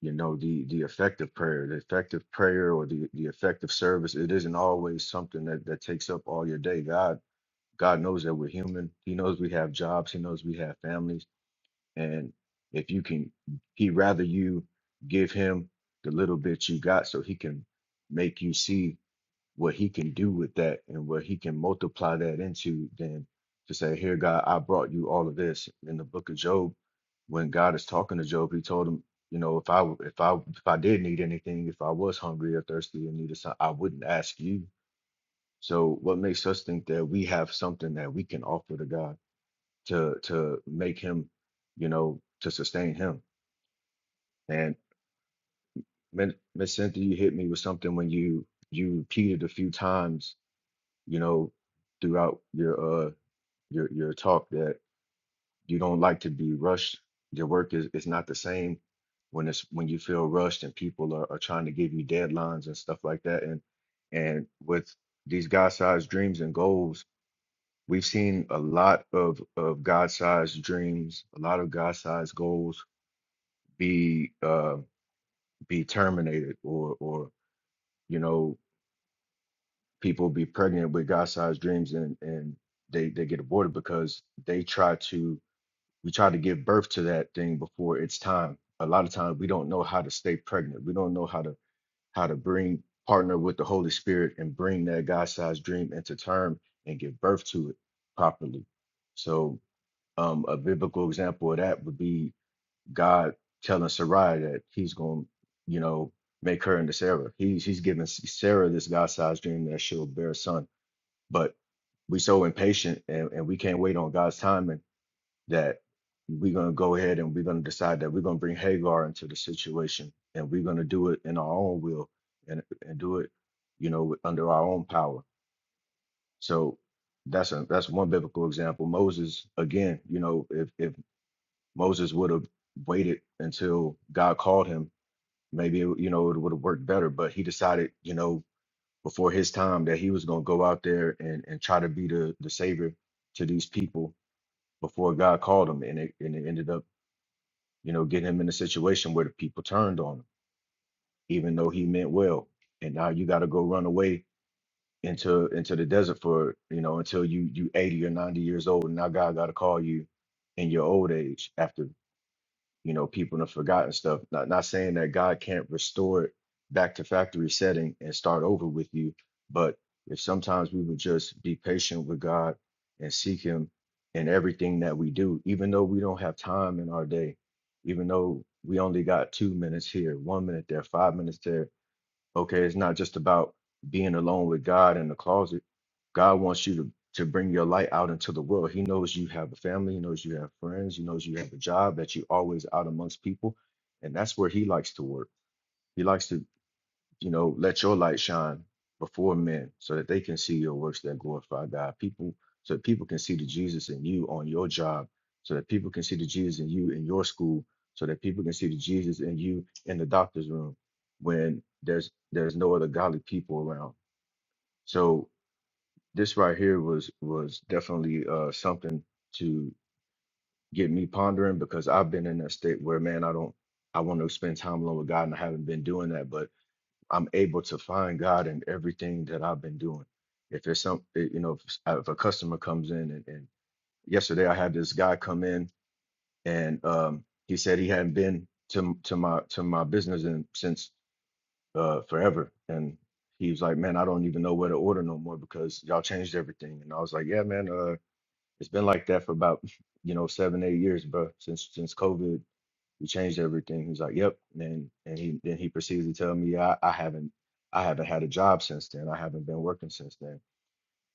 [SPEAKER 6] you know the the effective prayer the effective prayer or the the effective service it isn't always something that that takes up all your day god god knows that we're human he knows we have jobs he knows we have families and if you can he rather you give him the little bit you got so he can make you see what he can do with that and what he can multiply that into then to say here god i brought you all of this in the book of job when god is talking to job he told him you know if i if i if i did need anything if i was hungry or thirsty and needed something i wouldn't ask you so what makes us think that we have something that we can offer to god to to make him you know to sustain him and miss cynthia you hit me with something when you you repeated a few times you know, throughout your uh your your talk that you don't like to be rushed. Your work is is not the same when it's when you feel rushed and people are, are trying to give you deadlines and stuff like that. And and with these God-sized dreams and goals, we've seen a lot of of God-sized dreams, a lot of God-sized goals be uh be terminated or or you know people be pregnant with God-sized dreams and and they they get aborted because they try to we try to give birth to that thing before it's time. A lot of times we don't know how to stay pregnant. We don't know how to how to bring partner with the Holy Spirit and bring that God-sized dream into term and give birth to it properly. So um, a biblical example of that would be God telling Sarai that He's going, you know, make her into Sarah. He's He's giving Sarah this God-sized dream that she'll bear a son but we so impatient and, and we can't wait on God's timing that we're gonna go ahead and we're gonna decide that we're gonna bring Hagar into the situation and we're gonna do it in our own will and and do it, you know, under our own power. So that's a that's one biblical example. Moses, again, you know, if if Moses would have waited until God called him, maybe it, you know it would have worked better. But he decided, you know, before his time that he was going to go out there and, and try to be the, the savior to these people before God called him. And it, and it ended up, you know, getting him in a situation where the people turned on him, even though he meant well. And now you got to go run away into into the desert for, you know, until you you 80 or 90 years old. And now God got to call you in your old age after you know people have forgotten stuff not not saying that god can't restore it back to factory setting and start over with you but if sometimes we would just be patient with god and seek him in everything that we do even though we don't have time in our day even though we only got two minutes here one minute there five minutes there Okay, it's not just about being alone with God in the closet. God wants you to, to bring your light out into the world. He knows you have a family, he knows you have friends, he knows you have a job, that you're always out amongst people. And that's where he likes to work. He likes to you know, let your light shine before men so that they can see your works that glorify God. People, so that people can see the Jesus in you on your job, so that people can see the Jesus in you in your school, so that people can see the Jesus in you in the doctor's room when there's there's no other godly people around. So this right here was was definitely uh something to get me pondering because I've been in a state where man, I don't I want to spend time alone with God and I haven't been doing that. But I'm able to find God in everything that I've been doing. If there's some, eh, you know, if, s- uh, if a customer comes in and, and yesterday I had this guy come in and um, he said he hadn't been to m- to my to my business in, since uh, forever, and he was like, "Man, I don't even know where to order no more because y'all changed everything." And I was like, "Yeah, man, uh, it's been like that for about you know seven eight years, bro, since since COVID you changed everything. He's like, Yep. And then and he then he proceeds to tell me I, I haven't I haven't had a job since then. I haven't been working since then.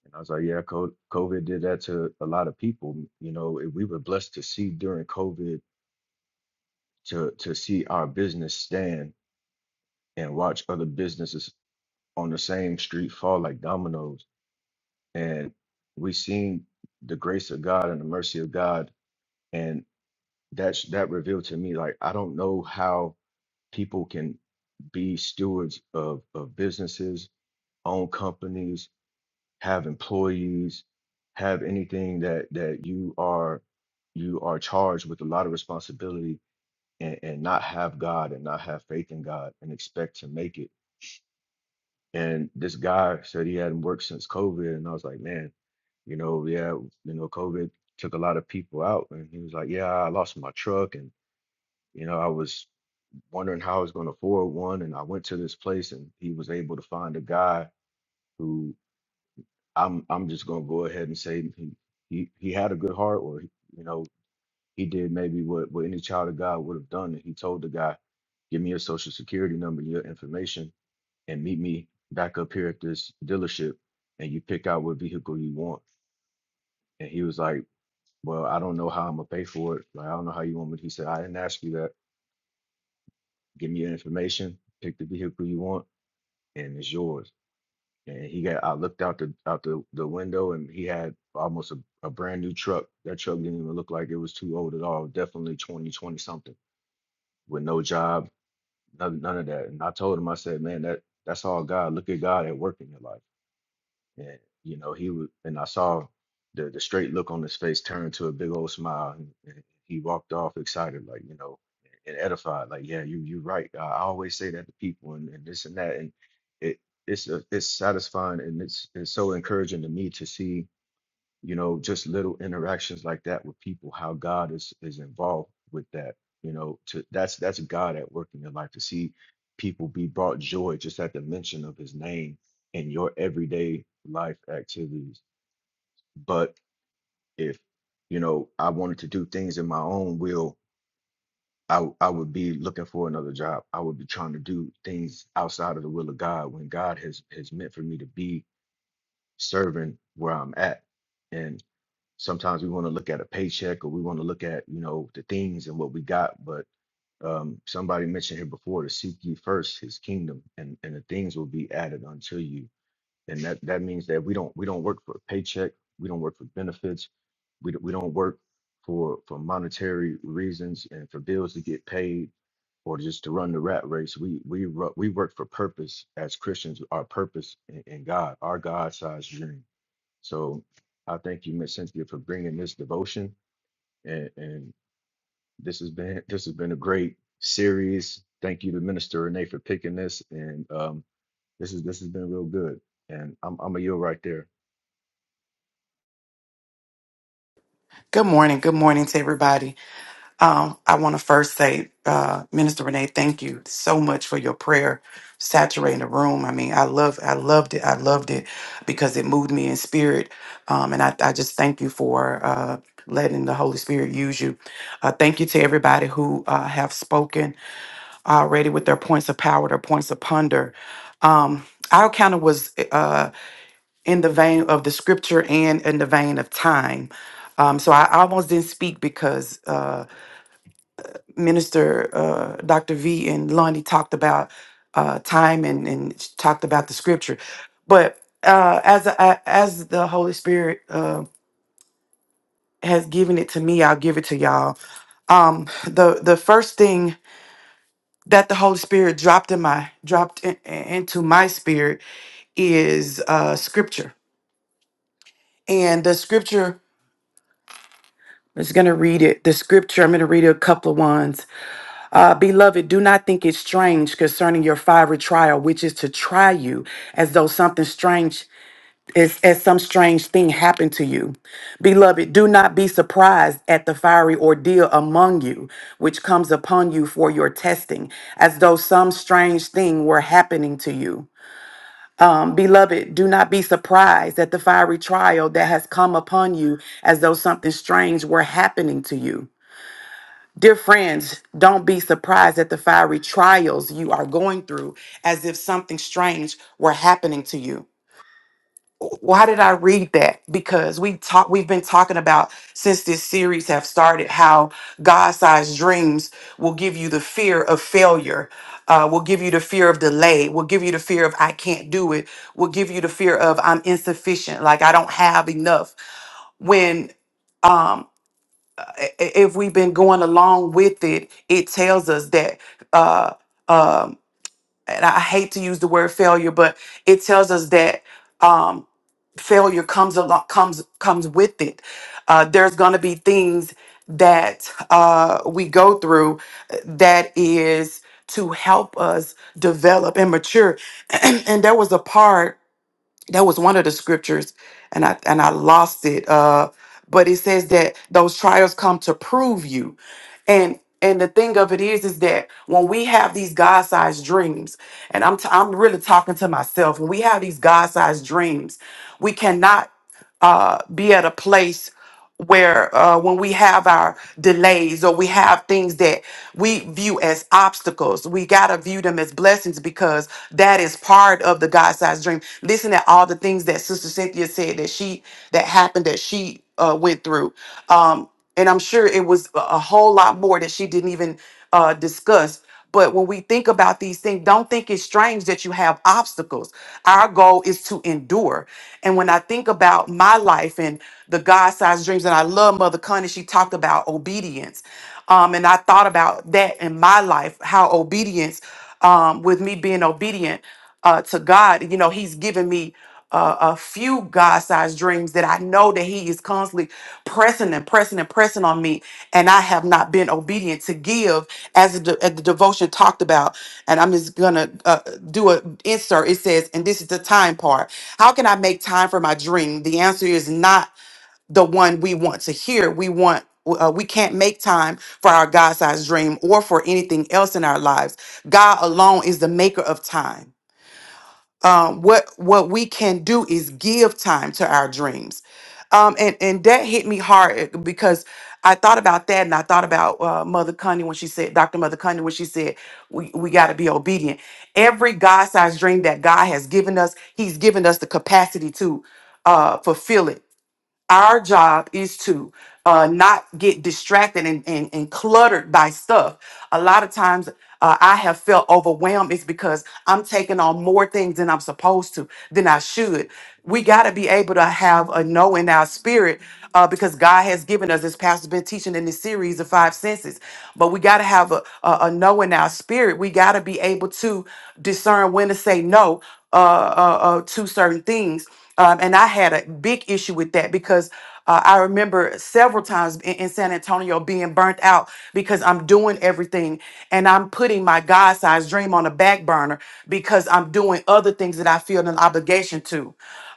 [SPEAKER 6] And I was like, Yeah, co- COVID did that to a lot of people. You know, it- we were blessed to see during COVID to to see our business stand and watch other businesses on the same street fall like dominoes. And we seen the grace of God and the mercy of God. And that's that revealed to me like I don't know how people can be stewards of, of businesses, own companies, have employees, have anything that that you are you are charged with a lot of responsibility and, and not have God and not have faith in God and expect to make it. And this guy said he hadn't worked since COVID. And I was like, man, you know, yeah, you know, COVID took a lot of people out. And he was like, yeah, I lost my truck and, you know, I was wondering how I was going to afford one. And I went to this place and he was able to find a guy who I'm I'm just going to go ahead and say he, he, he had a good heart or, he, you know, he did maybe what, what any child of God would have done. And he told the guy, give me your social security number, your information, and meet me back up here at this dealership and you pick out what vehicle you want. And he was like, well, I don't know how I'm going to pay for it. Like, I don't know how you want me. He said, I didn't ask you that. Give me your information, pick the vehicle you want, and it's yours and he got I looked out the out the, the window and he had almost a, a brand new truck. That truck didn't even look like it was too old at all. Definitely 20 twenty something with no job, none, none of that. And I told him, I said, man, that that's all God. Look at God at work in your life. And you know, he was, and I saw the the straight look on his face turn to a big old smile, and, and he walked off excited, like you know, and edified, like yeah, you you are right. I I always say that to people, and, and this and that, and it it's a, it's satisfying, and it's it's so encouraging to me to see you know, just little interactions like that with people, how God is is involved with that, you know, to that's that's God at work in your life to see people be brought joy just at the mention of his name in your everyday life activities. But if, you know, I wanted to do things in my own will, I w- I would be looking for another job. I would be trying to do things outside of the will of God when God has has meant for me to be serving where I'm at. sometimes we want to look at a paycheck or we want to look at you know the things and what we got but um, somebody mentioned here before to seek ye first his kingdom and and the things will be added unto you and that that means that we don't we don't work for a paycheck we don't work for benefits we, don't- we don't work for for monetary reasons and for bills to get paid or just to run the rat race we we ru- we work for purpose as christians our purpose in, in god our god-sized dream so I thank you, Miss Cynthia, for bringing this devotion, and, and this has been this has been a great series. Thank you to Minister Renee for picking this, and um, this is this has been real good. And I'm I'm a yield right there.
[SPEAKER 7] Good morning. Good morning to everybody. Um, I want to first say, uh, Minister Renee, thank you so much for your prayer saturating the room. I mean, I love, I loved it. I loved it because it moved me in spirit. Um, and I, I just thank you for uh, letting the Holy Spirit use you. Uh, thank you to everybody who uh, have spoken already with their points of power, their points of ponder. Um, I kind of was. uh, in the vein of the scripture and in the vein of time. Um, so I almost didn't speak because uh, Minister uh, Dr. V and Lonnie talked about uh, time and, and she talked about the scripture. But uh, as I, as the Holy Spirit uh, has given it to me, I'll give it to y'all. Um, the the first thing that the Holy Spirit dropped in my dropped in, into my spirit is uh, scripture, and the scripture I'm just going to read it, the scripture. I'm going to read a couple of ones. Uh, Beloved, do not think it strange concerning your fiery trial, which is to try you as though something strange is as some strange thing happened to you. Beloved, do not be surprised at the fiery ordeal among you, which comes upon you for your testing, as though some strange thing were happening to you. Um, beloved, do not be surprised at the fiery trial that has come upon you, as though something strange were happening to you. Dear friends, don't be surprised at the fiery trials you are going through as if something strange were happening to you. Why did I read that? Because we talk we've been talking about since this series have started how God-sized dreams will give you the fear of failure, uh, will give you the fear of delay, will give you the fear of I can't do it, will give you the fear of I'm insufficient, like I don't have enough when um, i- if we've been going along with it, it tells us that, uh, um, and I hate to use the word failure, but it tells us that um, failure comes along, comes comes with it. Uh, there's going to be things that uh, we go through uh, that is to help us develop and mature. and there was a part that was one of the scriptures and i and i lost it uh but it says that those trials come to prove you and and the thing of it is is that when we have these god-sized dreams and i'm t- i'm really talking to myself when we have these god-sized dreams we cannot uh, be at a place where uh, when we have our delays or we have things that we view as obstacles, we got to view them as blessings because that is part of the God sized dream. Listen to all the things that Sister Cynthia said that she, that happened, that she uh, went through. Um, and I'm sure it was a a whole lot more that she didn't even uh, discuss. But when we think about these things, don't think it's strange that you have obstacles. Our goal is to endure. And when I think about my life and the God sized dreams, and I love Mother Connie. she talked about obedience. Um, and I thought about that in my life, how obedience, um, with me being obedient uh, to God, you know, He's given me uh, a few God sized dreams that I know that He is constantly pressing and pressing and pressing on me, and I have not been obedient to give as the, as the devotion talked about. And I'm just gonna uh, do an insert. It says, and this is the time part. How can I make time for my dream? The answer is not the one we want to hear. We want. Uh, we can't make time for our God sized dream or for anything else in our lives. God alone is the maker of time um, what what we can do is give time to our dreams um, and and that hit me hard eh, because I thought about that and I thought about uh, Mother Cundy when she said Dr. Mother Cundy when she said we, we got to be obedient every God-sized dream that God has given us he's given us the capacity to uh, fulfill it our job is to uh, not get distracted and, and, and cluttered by stuff. A lot of times uh, I have felt overwhelmed. It's because I'm taking on more things than I'm supposed to, than I should. We got to be able to have a no in our spirit uh, because God has given us, this pastor's been teaching in this series of five senses, but we got to have a, a, a no in our spirit. We got to be able to discern when to say no uh, uh, uh, to certain things. Um, and I had a big issue with that because uh, I remember several times in, in San Antonio being burnt out because I'm doing everything and I'm putting my God sized dream on the back burner because I'm doing other things that I feel an obligation to.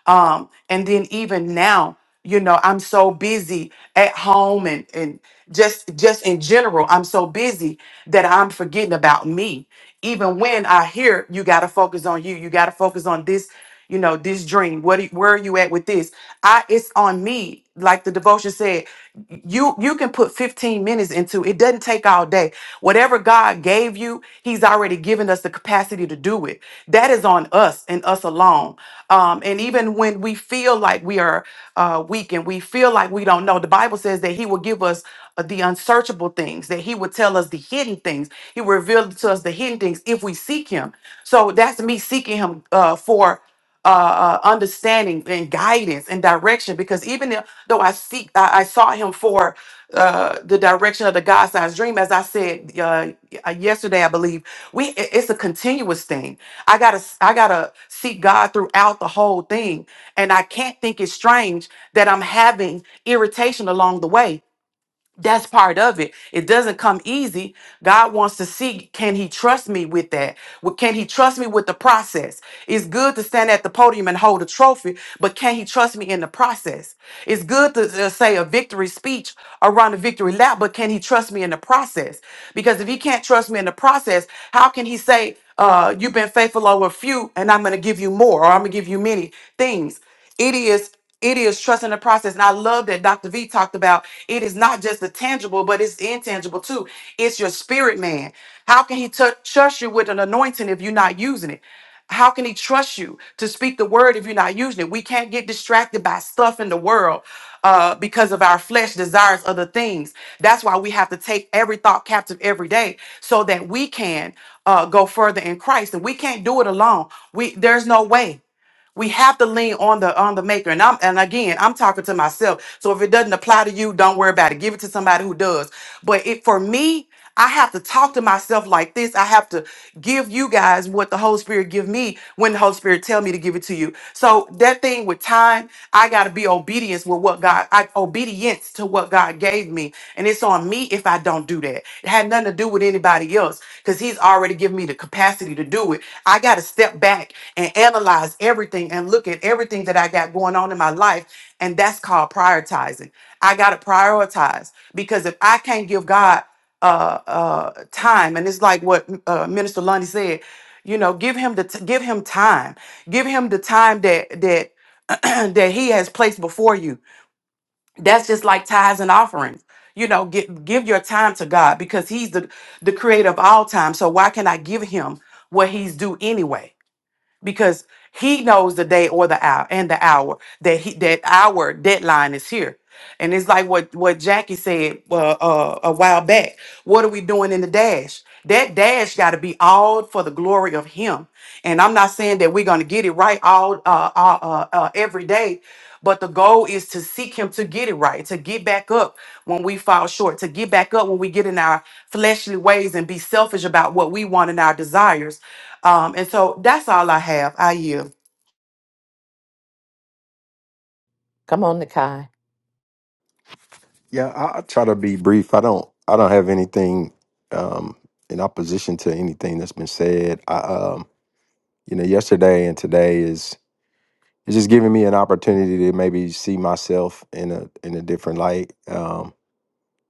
[SPEAKER 7] Um, and then even now, you know i'm so busy at home and and just just in general i'm so busy that i'm forgetting about me even when i hear you got to focus on you you got to focus on this you know this dream what do- where are you at with this i it's on me like the devotion said you you can put 15 minutes into it doesn't take all day whatever god gave you he's already given us the capacity to do it that is on us and us alone um, and even when we feel like we are uh, weak and we feel like we don't know the bible says that he will give us uh, the unsearchable things that he will tell us the hidden things he will reveal to us the hidden things if we seek him so that's me seeking him uh, for uh, uh, understanding and guidance and direction. Because even if- though I seek, I, I sought Him for uh, the direction of the God sized dream, as I said uh, uh, yesterday, I believe we i- it's a continuous thing. I gotta s- I gotta seek God throughout the whole thing, and I can't think it's strange that I'm having irritation along the way that's part of it. It doesn't come easy. God wants to see can he trust me with that? Well, Can he trust me with the process? It's good to stand at the podium and hold a trophy, but can he trust me in the process? It's good to uh, say a victory speech around a victory lap, but can he trust me in the process? Because if he can't trust me in the process, how can he say, uh, you've been faithful over a few and I'm going to give you more or I'm going to give you many things? It is it is trusting the process. And I love that Dr. V talked about it is not just the tangible, but it's intangible too. It's your spirit man. How can he tou- trust you with an anointing if you're not using it? How can he trust you to speak the word if you're not using it? We can't get distracted by stuff in the world uh, because of our flesh desires other things. That's why we have to take every thought captive every day so that we can uh, go further in Christ. And we can't do it alone. We there's no way. We have to lean on the on the maker. And I'm and again, I'm talking to myself. So if it doesn't apply to you, don't worry about it. Give it to somebody who does. But it for me, I have to talk to myself like this. I have to give you guys what the Holy Spirit give me when the Holy Spirit tell me to give it to you. So that thing with thing with time. I got to be obedience with what God, I, obedience to what God gave me. And it's on me if I don't do that. It had nothing to do with anybody else because He's already given me the capacity to do it. I got to step back and analyze everything and look at everything that I got going on in my life. And that's called prioritizing. I got to prioritize because if I can't give God uh, uh, time, and it's like what uh, Minister Lundy said, you know, give him the t- give him time, give him the time that that that he has placed before you. That's just like tithes and offerings. You know, give give your time to God because he's the the creator of all time. So why can I give him what he's due anyway? because he knows the day or the hour and the hour that he that our deadline is here and it's like what what jackie said uh, uh, a while back what are we doing in the dash that dash got to be all for the glory of him and i'm not saying that we're going to get it right all uh, uh, uh, uh, every day but the goal is to seek him to get it right to get back up when we fall short to get back up when we get in our fleshly ways and be selfish about what we want and our desires um, and so that's all I have. I yield.
[SPEAKER 1] Come on, Nikai.
[SPEAKER 8] Yeah, I, I try to be brief. I don't. I don't have anything um, in opposition to anything that's been said. I, um, you know, yesterday and today is it's just giving me an opportunity to maybe see myself in a in a different light. Um,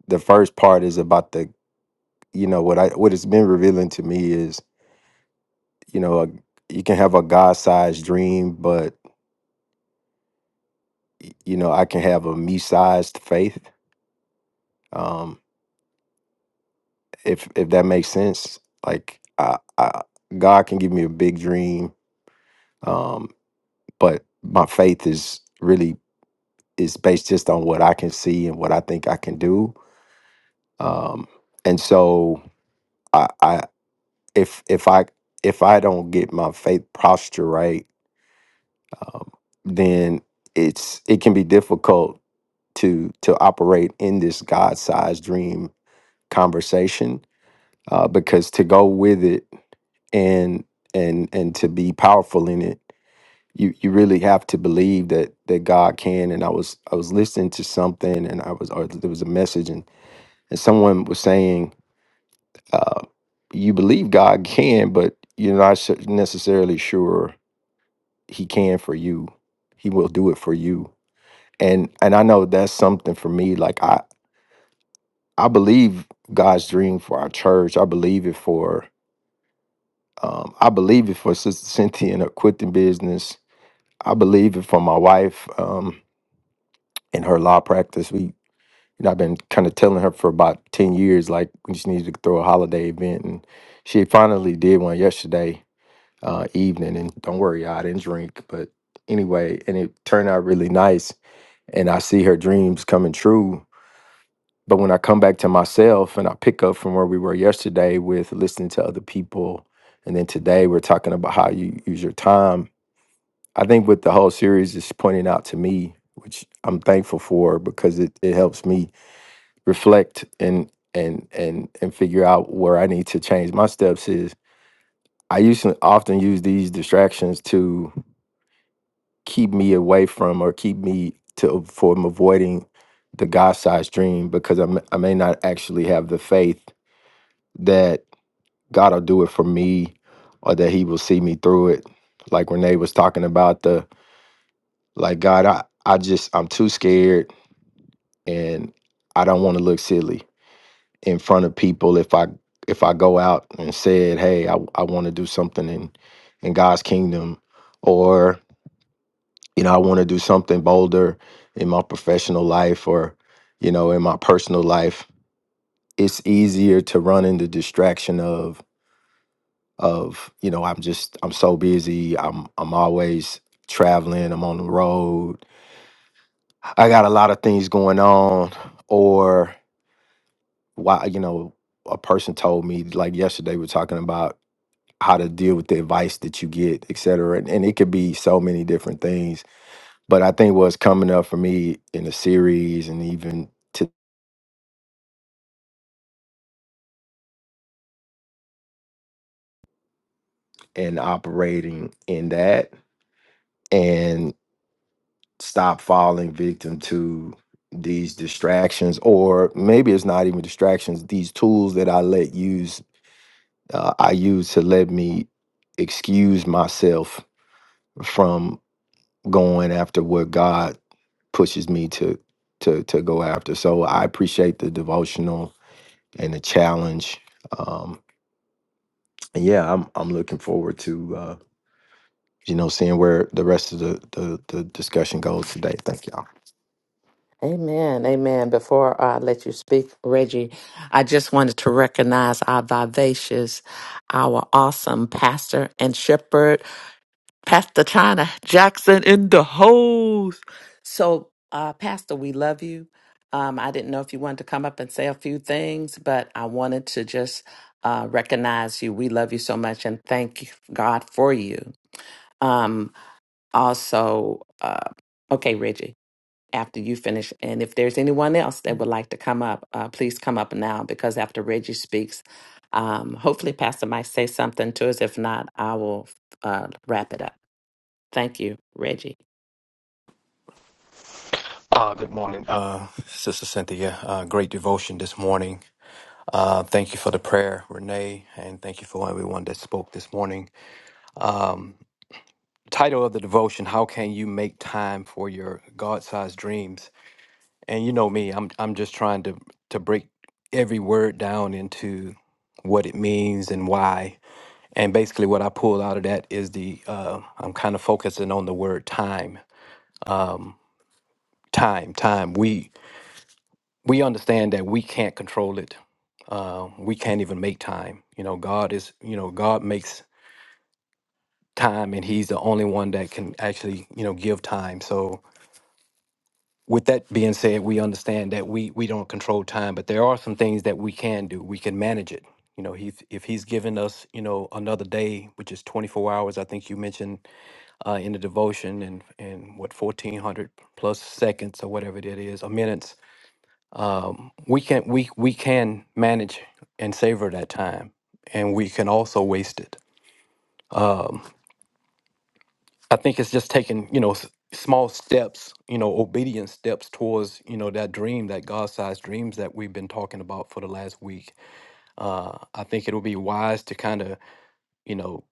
[SPEAKER 8] the first part is about the you know what I what it's been revealing to me is you know a, you can have a God sized dream, but you know I can have a me sized faith. Um, if if that makes sense like I, I god can give me a big dream um but my faith is really is based just on what i can see and what i think i can do um and so i i if if i if i don't get my faith posture right um, then it's it can be difficult to to operate in this god-sized dream conversation uh, because to go with it and and and to be powerful in it you you really have to believe that that god can and i was i was listening to something and i was or there was a message and and someone was saying uh you believe god can but you're not su- necessarily sure he can for you he will do it for you and and i know that's something for me like i i believe god's dream for our church i believe it for um, I believe it for Sister Cynthia and her quitting business I believe it from my wife um, in her law practice. We, you know, I've been kind of telling her for about ten years, like we just need to throw a holiday event, and she finally did one yesterday uh, evening. And don't worry, I didn't drink, but anyway, and it turned out really nice. And I see her dreams coming true. But when I come back to myself and I pick up from where we were yesterday with listening to other people, and then today we're talking about how you use your time I think what the whole series is pointing out to me, which I'm thankful for because it, it helps me reflect and and and and figure out where I need to change my steps is I used to often use these distractions to keep me away from or keep me to from avoiding the God sized dream because I may, I may not actually have the faith that God will do it for me or that he will see me through it. Like Renee was talking about the like God, I, I just I'm too scared and I don't want to look silly in front of people if I if I go out and said, "Hey, I, I want to do something in in God's kingdom," or you know, I want to do something bolder in my professional life or you know, in my personal life. It's easier to run into distraction of of you know, I'm just I'm so busy. I'm I'm always traveling. I'm on the road. I got a lot of things going on, or why you know a person told me like yesterday we're talking about how to deal with the advice that you get et cetera and, and it could be so many different things but i think what's coming up for me in the series and even to and operating in that and stop falling victim to these distractions or maybe it's not even distractions these tools that i let use uh, i use to let me excuse myself from. going after what God pushes me to to to go after. So I appreciate the devotional and the challenge. Um, and yeah, I'm I'm looking forward to uh, you know seeing where the rest of the, the the discussion goes today. Thank y'all.
[SPEAKER 1] Amen. Amen. Before I let you speak, Reggie, I just wanted to recognize our vivacious, our awesome pastor and shepherd, Pastor China Jackson in the house. So, uh, Pastor, we love you. Um, I didn't know if you wanted to come up and say a few things, but I wanted to just uh, recognize you. We love you so much and thank God for you. Um, also, uh, okay, Reggie after you finish. And if there's anyone else that would like to come up, uh, please come up now because after Reggie speaks, um, hopefully Pastor might say something to us. If not, I will uh, wrap it up. Thank you, Reggie.
[SPEAKER 9] Uh, good morning, uh, Sister Cynthia. Uh, great devotion this morning. Uh, thank you for the prayer, Renee, and thank you for everyone that spoke this morning. Um, title of the devotion: How can you make time for your God-sized dreams? And you know me, I'm I'm just trying to to break every word down into what it means and why. And basically, what I pulled out of that is the uh, I'm kind of focusing on the word time, time, time. We we understand that we can't control it. Uh, we can't even make time. You know, God is, you know, God makes time and He's the only one that can actually, you know, give time. So, with that being said, we understand that we, we don't control time, but there are some things that we can do. We can manage it. You know, he, if He's given us, you know, another day, which is 24 hours, I think you mentioned uh, in the devotion, and, and what, 1400 plus seconds or whatever it is, or minutes we can we we can manage and savor that time and we can also waste it i think it's just taking you know s- small steps you know obedient steps towards you know that dream that god-sized dreams that we've been talking about for the last week uh i think it'll be wise to kind of you know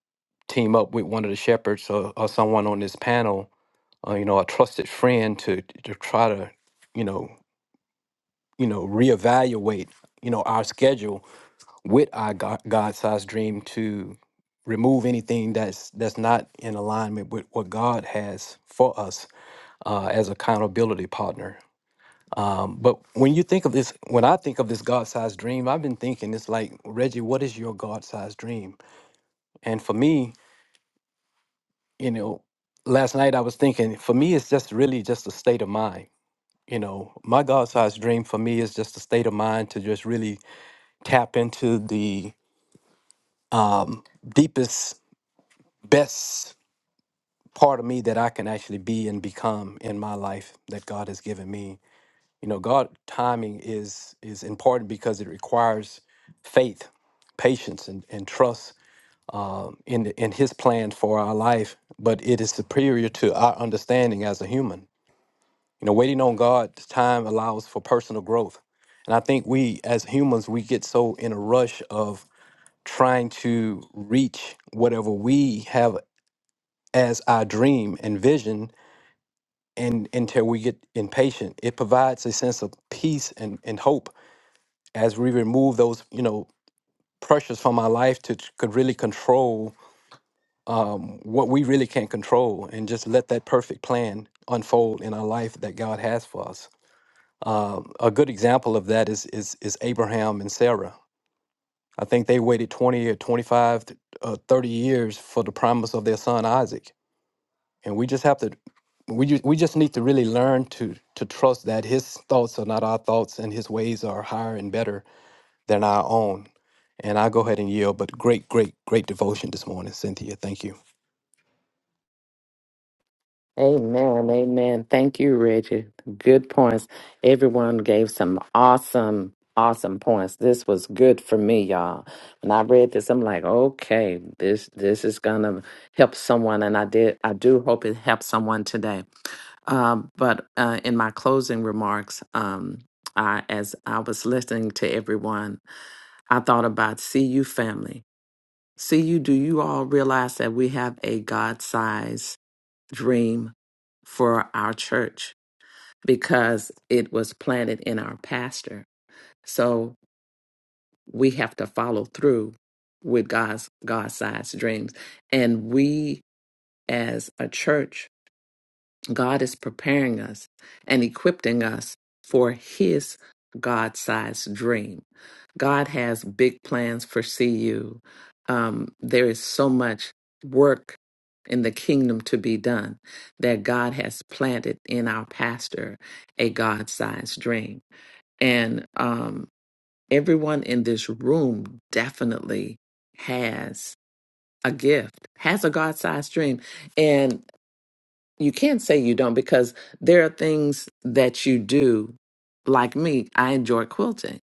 [SPEAKER 9] team up with one of the shepherds or, or someone on this panel uh, you know a trusted friend to to try to you know you know reevaluate you know our schedule with our God sized dream to remove anything that's that's not in alignment with what God has for us uh, as accountability partner. Um, but when you think of this, when I think of this God sized dream, I've been thinking it's like Reggie, what is your God sized dream? And for me, you know, last night I was thinking for me it's just really just a state of mind. You know, my God sized dream for me is just a state of mind to just really tap into the deepest, best part of me that I can actually be and become in my life that God has given me. You know, God timing is is important because it requires faith, patience, and, and trust um, in the- in His plan for our life. But it is superior to our understanding as a human. You know, waiting on God's time allows for personal growth, and I think we as humans we get so in a rush of trying to reach whatever we have as our dream and vision and until we get impatient. It provides a sense of peace and, and hope as we remove those, you know, pressures from our life to t- could really control um, what we really can't control and just let that perfect plan unfold in our life that God has for us. Um, a good example of that is, is is Abraham and Sarah. I think they waited 20 or 25 to, uh, 30 years for the promise of their son Isaac and we just have to we just, we just need to really learn to to trust that his thoughts are not our thoughts and his ways are higher and better than our own and i'll go ahead and yield but great great great devotion this morning cynthia thank you
[SPEAKER 1] Amen. Amen. Thank you, Reggie. Good points. Everyone gave some awesome, awesome points. This was good for me, y'all. When I read this, I'm like, okay, this this is gonna help someone, and I did. I do hope it helps someone today. Um, but uh, in my closing remarks, um, I, as I was listening to everyone, I thought about CU family. CU, do you all realize that we have a God-sized dream for our church because it was planted in our pastor. So we have to follow through with God's God-sized dreams. And we as a church God is preparing us and equipping us for His God sized dream. God has big plans for CU. Um, there is so much work in the kingdom to be done that God has planted in our pastor a God sized dream. And um, everyone in this room definitely has a gift, has a God sized dream. and you can't say you don't because there are things that you do. Like me, I enjoy quilting.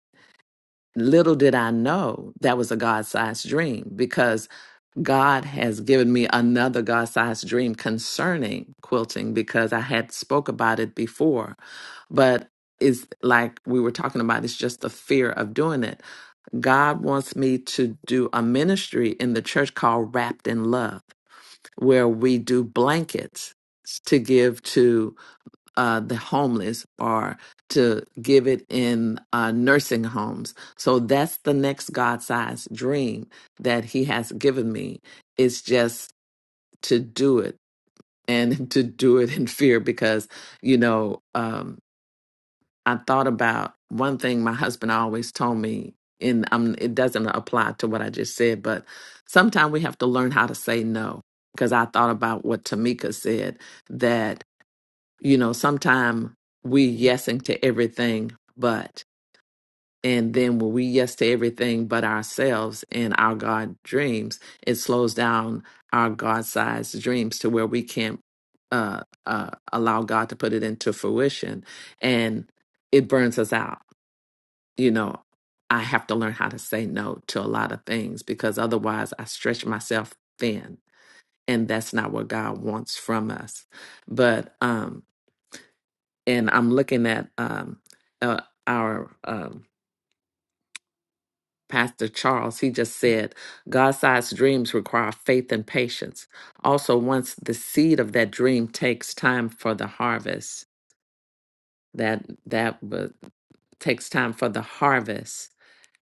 [SPEAKER 1] Little did I know that was a God sized dream because God has given me another God sized dream concerning quilting because I had spoke about it before. But it's like we were talking about, it's just the fear of doing it. God wants me to do a ministry in the church called Wrapped in Love, where we do blankets to give to uh, the homeless or to give it in uh, nursing homes. So that's the next God sized dream that He has given me. It's just to do it and to do it in fear because, you know, um, I thought about one thing my husband always told me, and um, it doesn't apply to what I just said, but sometimes we have to learn how to say no. Because I thought about what Tamika said, that you know, sometimes we yesing to everything, but and then when we yes to everything but ourselves and our God dreams, it slows down our God sized dreams to where we can't uh, uh, allow God to put it into fruition and it burns us out. You know, I have to learn how to say no to a lot of things because otherwise I stretch myself thin and that's not what God wants from us. But, um, and I'm looking at um, uh, our um, pastor Charles. He just said, "God-sized dreams require faith and patience. Also, once the seed of that dream takes time for the harvest, that that would takes time for the harvest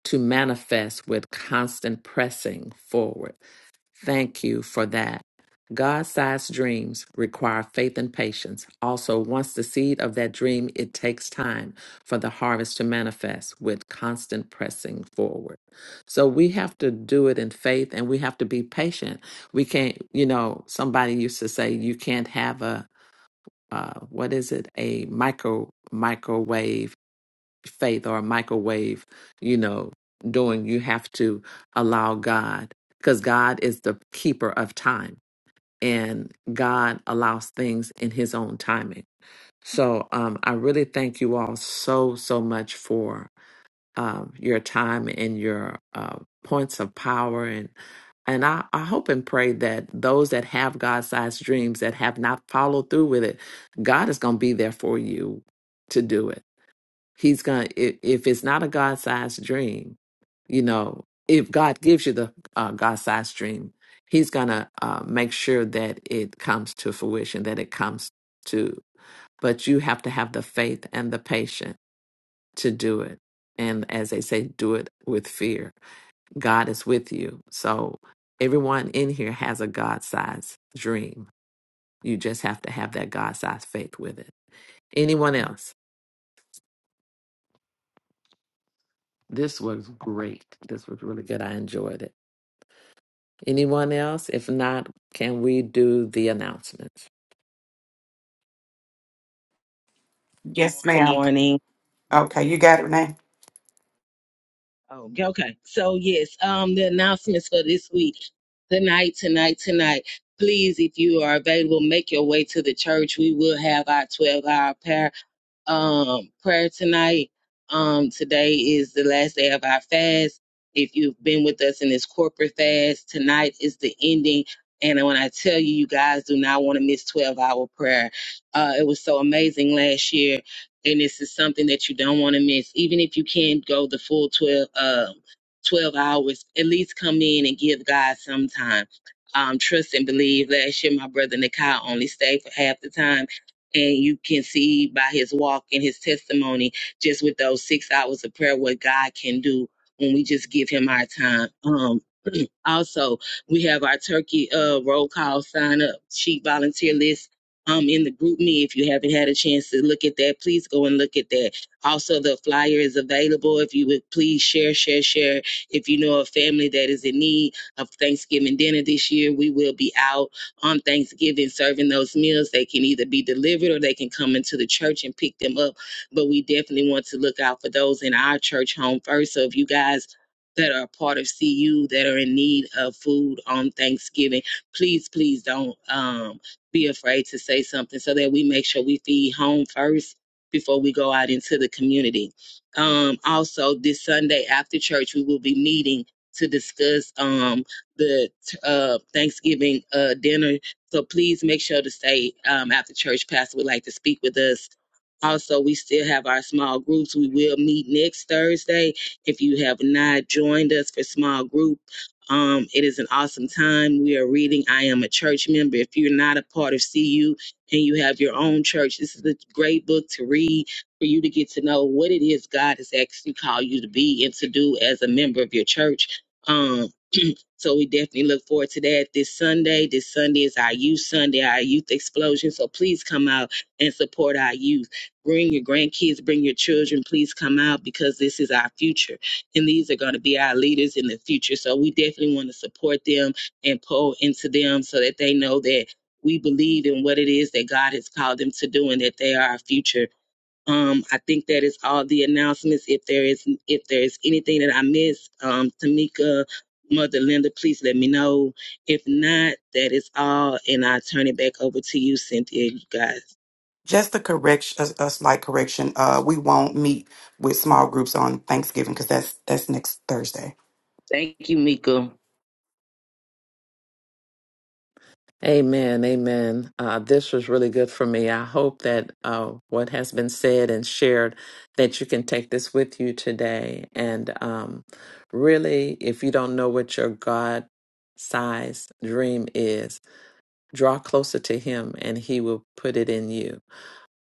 [SPEAKER 1] to manifest with constant pressing forward." Thank you for that. God sized dreams require faith and patience. Also, once the seed of that dream, it takes time for the harvest to manifest with constant pressing forward. So, we have to do it in faith and we have to be patient. We can't, you know, somebody used to say, you can't have a, uh, what is it, a micro microwave faith or a microwave, you know, doing. You have to allow God because God is the keeper of time and God allows things in his own timing. So um, I really thank you all so, so much for um, your time and your uh, points of power and and I, I hope and pray that those that have God sized dreams that have not followed through with it, God is going to be there for you to do it he's gonna if, if it's not a god-sized dream you know if god gives you the uh, god-sized dream he's gonna uh, make sure that it comes to fruition that it comes to but you have to have the faith and the patience to do it and as they say do it with fear god is with you so everyone in here has a god-sized dream you just have to have that god-sized faith with it anyone else this was great this was really good i enjoyed it Anyone else? If not, can we do the announcements?
[SPEAKER 7] Yes,
[SPEAKER 2] Good
[SPEAKER 7] ma'am.
[SPEAKER 2] morning.
[SPEAKER 7] Okay, you got it, Renee.
[SPEAKER 2] Oh, okay. So yes, um the announcements for this week. Tonight, tonight, tonight. Please, if you are available, make your way to the church. We will have our 12 hour prayer um, prayer tonight. Um, today is the last day of our fast. If you've been with us in this corporate fast, tonight is the ending. And when I tell you, you guys do not want to miss 12 hour prayer. Uh, it was so amazing last year. And this is something that you don't want to miss. Even if you can't go the full 12, um 12 hours, at least come in and give God some time. Um, trust and believe. Last year, my brother Nikai only stayed for half the time and you can see by his walk and his testimony, just with those six hours of prayer, what God can do when we just give him our time. Um, also, we have our turkey uh, roll call sign up sheet volunteer list um, in the group me. If you haven't had a chance to look at that, please go and look at that. Also, the flyer is available. If you would please share, share, share. If you know a family that is in need of Thanksgiving dinner this year, we will be out on Thanksgiving serving those meals. They can either be delivered or they can come into the church and pick them up. But we definitely want to look out for those in our church home first. So if you guys that are a part of CU that are in need of food on Thanksgiving. Please, please don't um, be afraid to say something so that we make sure we feed home first before we go out into the community. Um, also, this Sunday after church, we will be meeting to discuss um, the uh, Thanksgiving uh, dinner. So please make sure to stay um, after church. Pastor would like to speak with us. Also, we still have our small groups. We will meet next Thursday if you have not joined us for small group, um, it is an awesome time. We are reading I Am a Church Member. If you're not a part of CU and you have your own church, this is a great book to read for you to get to know what it is God has actually called you to be and to do as a member of your church. Um, so we definitely look forward to that this Sunday. This Sunday is our youth Sunday, our youth explosion. So please come out and support our youth. Bring your grandkids, bring your children. Please come out because this is our future. And these are going to be our leaders in the future. So we definitely want to support them and pull into them so that they know that we believe in what it is that God has called them to do and that they are our future um, I think that is all the announcements. If there is if there is anything that I missed, um, Tamika, Mother Linda, please let me know. If not, that is all, and I turn it back over to you, Cynthia. You guys,
[SPEAKER 7] Just a correction, a, a slight correction. Uh, we won't meet with small groups on Thanksgiving because that's that's next Thursday.
[SPEAKER 2] thank you, Mika.
[SPEAKER 1] Amen. Amen. Uh, this was really good for me. I hope that uh, what has been said and shared, that you can take this with you today. And um, really, if you don't know what your God sized dream is, draw closer to Him and He will put it in you.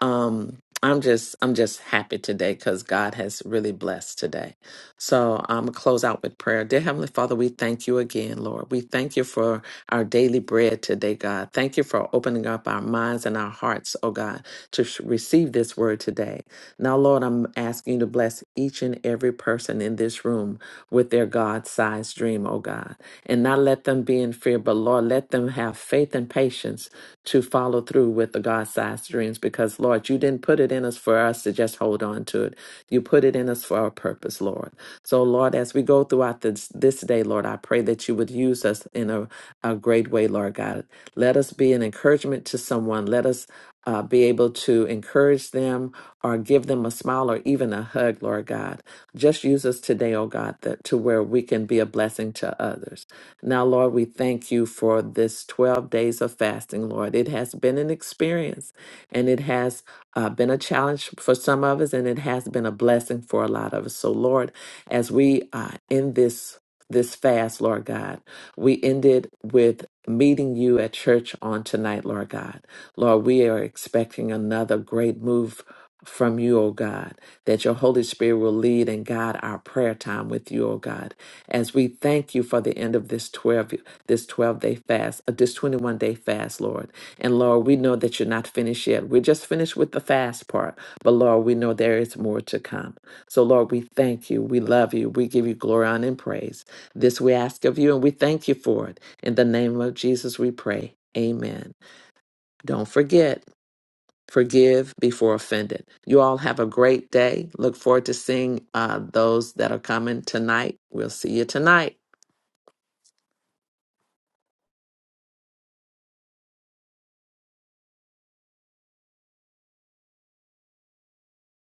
[SPEAKER 1] um i'm just i'm just happy today because god has really blessed today so i'm gonna close out with prayer dear heavenly father we thank you again lord we thank you for our daily bread today god thank you for opening up our minds and our hearts oh god to sh- receive this word today now lord i'm asking you to bless each and every person in this room with their god-sized dream oh god and not let them be in fear but lord let them have faith and patience to follow through with the God sized dreams because, Lord, you didn't put it in us for us to just hold on to it. You put it in us for a purpose, Lord. So, Lord, as we go throughout this, this day, Lord, I pray that you would use us in a, a great way, Lord God. Let us be an encouragement to someone. Let us uh, be able to encourage them or give them a smile or even a hug, Lord God. Just use us today, oh God, that, to where we can be a blessing to others. Now, Lord, we thank you for this 12 days of fasting, Lord. It has been an experience and it has uh, been a challenge for some of us and it has been a blessing for a lot of us. So, Lord, as we uh, end this this fast, Lord God, we ended with meeting you at church on tonight, Lord God. Lord, we are expecting another great move from you, O God, that your Holy Spirit will lead and guide our prayer time with you, O God as we thank you for the end of this 12 this 12 day fast uh, this 21 day fast lord and lord we know that you're not finished yet we're just finished with the fast part but lord we know there is more to come so lord we thank you we love you we give you glory honor and praise this we ask of you and we thank you for it in the name of jesus we pray amen don't forget Forgive before offended. You all have a great day. Look forward to seeing uh, those that are coming tonight. We'll see you tonight.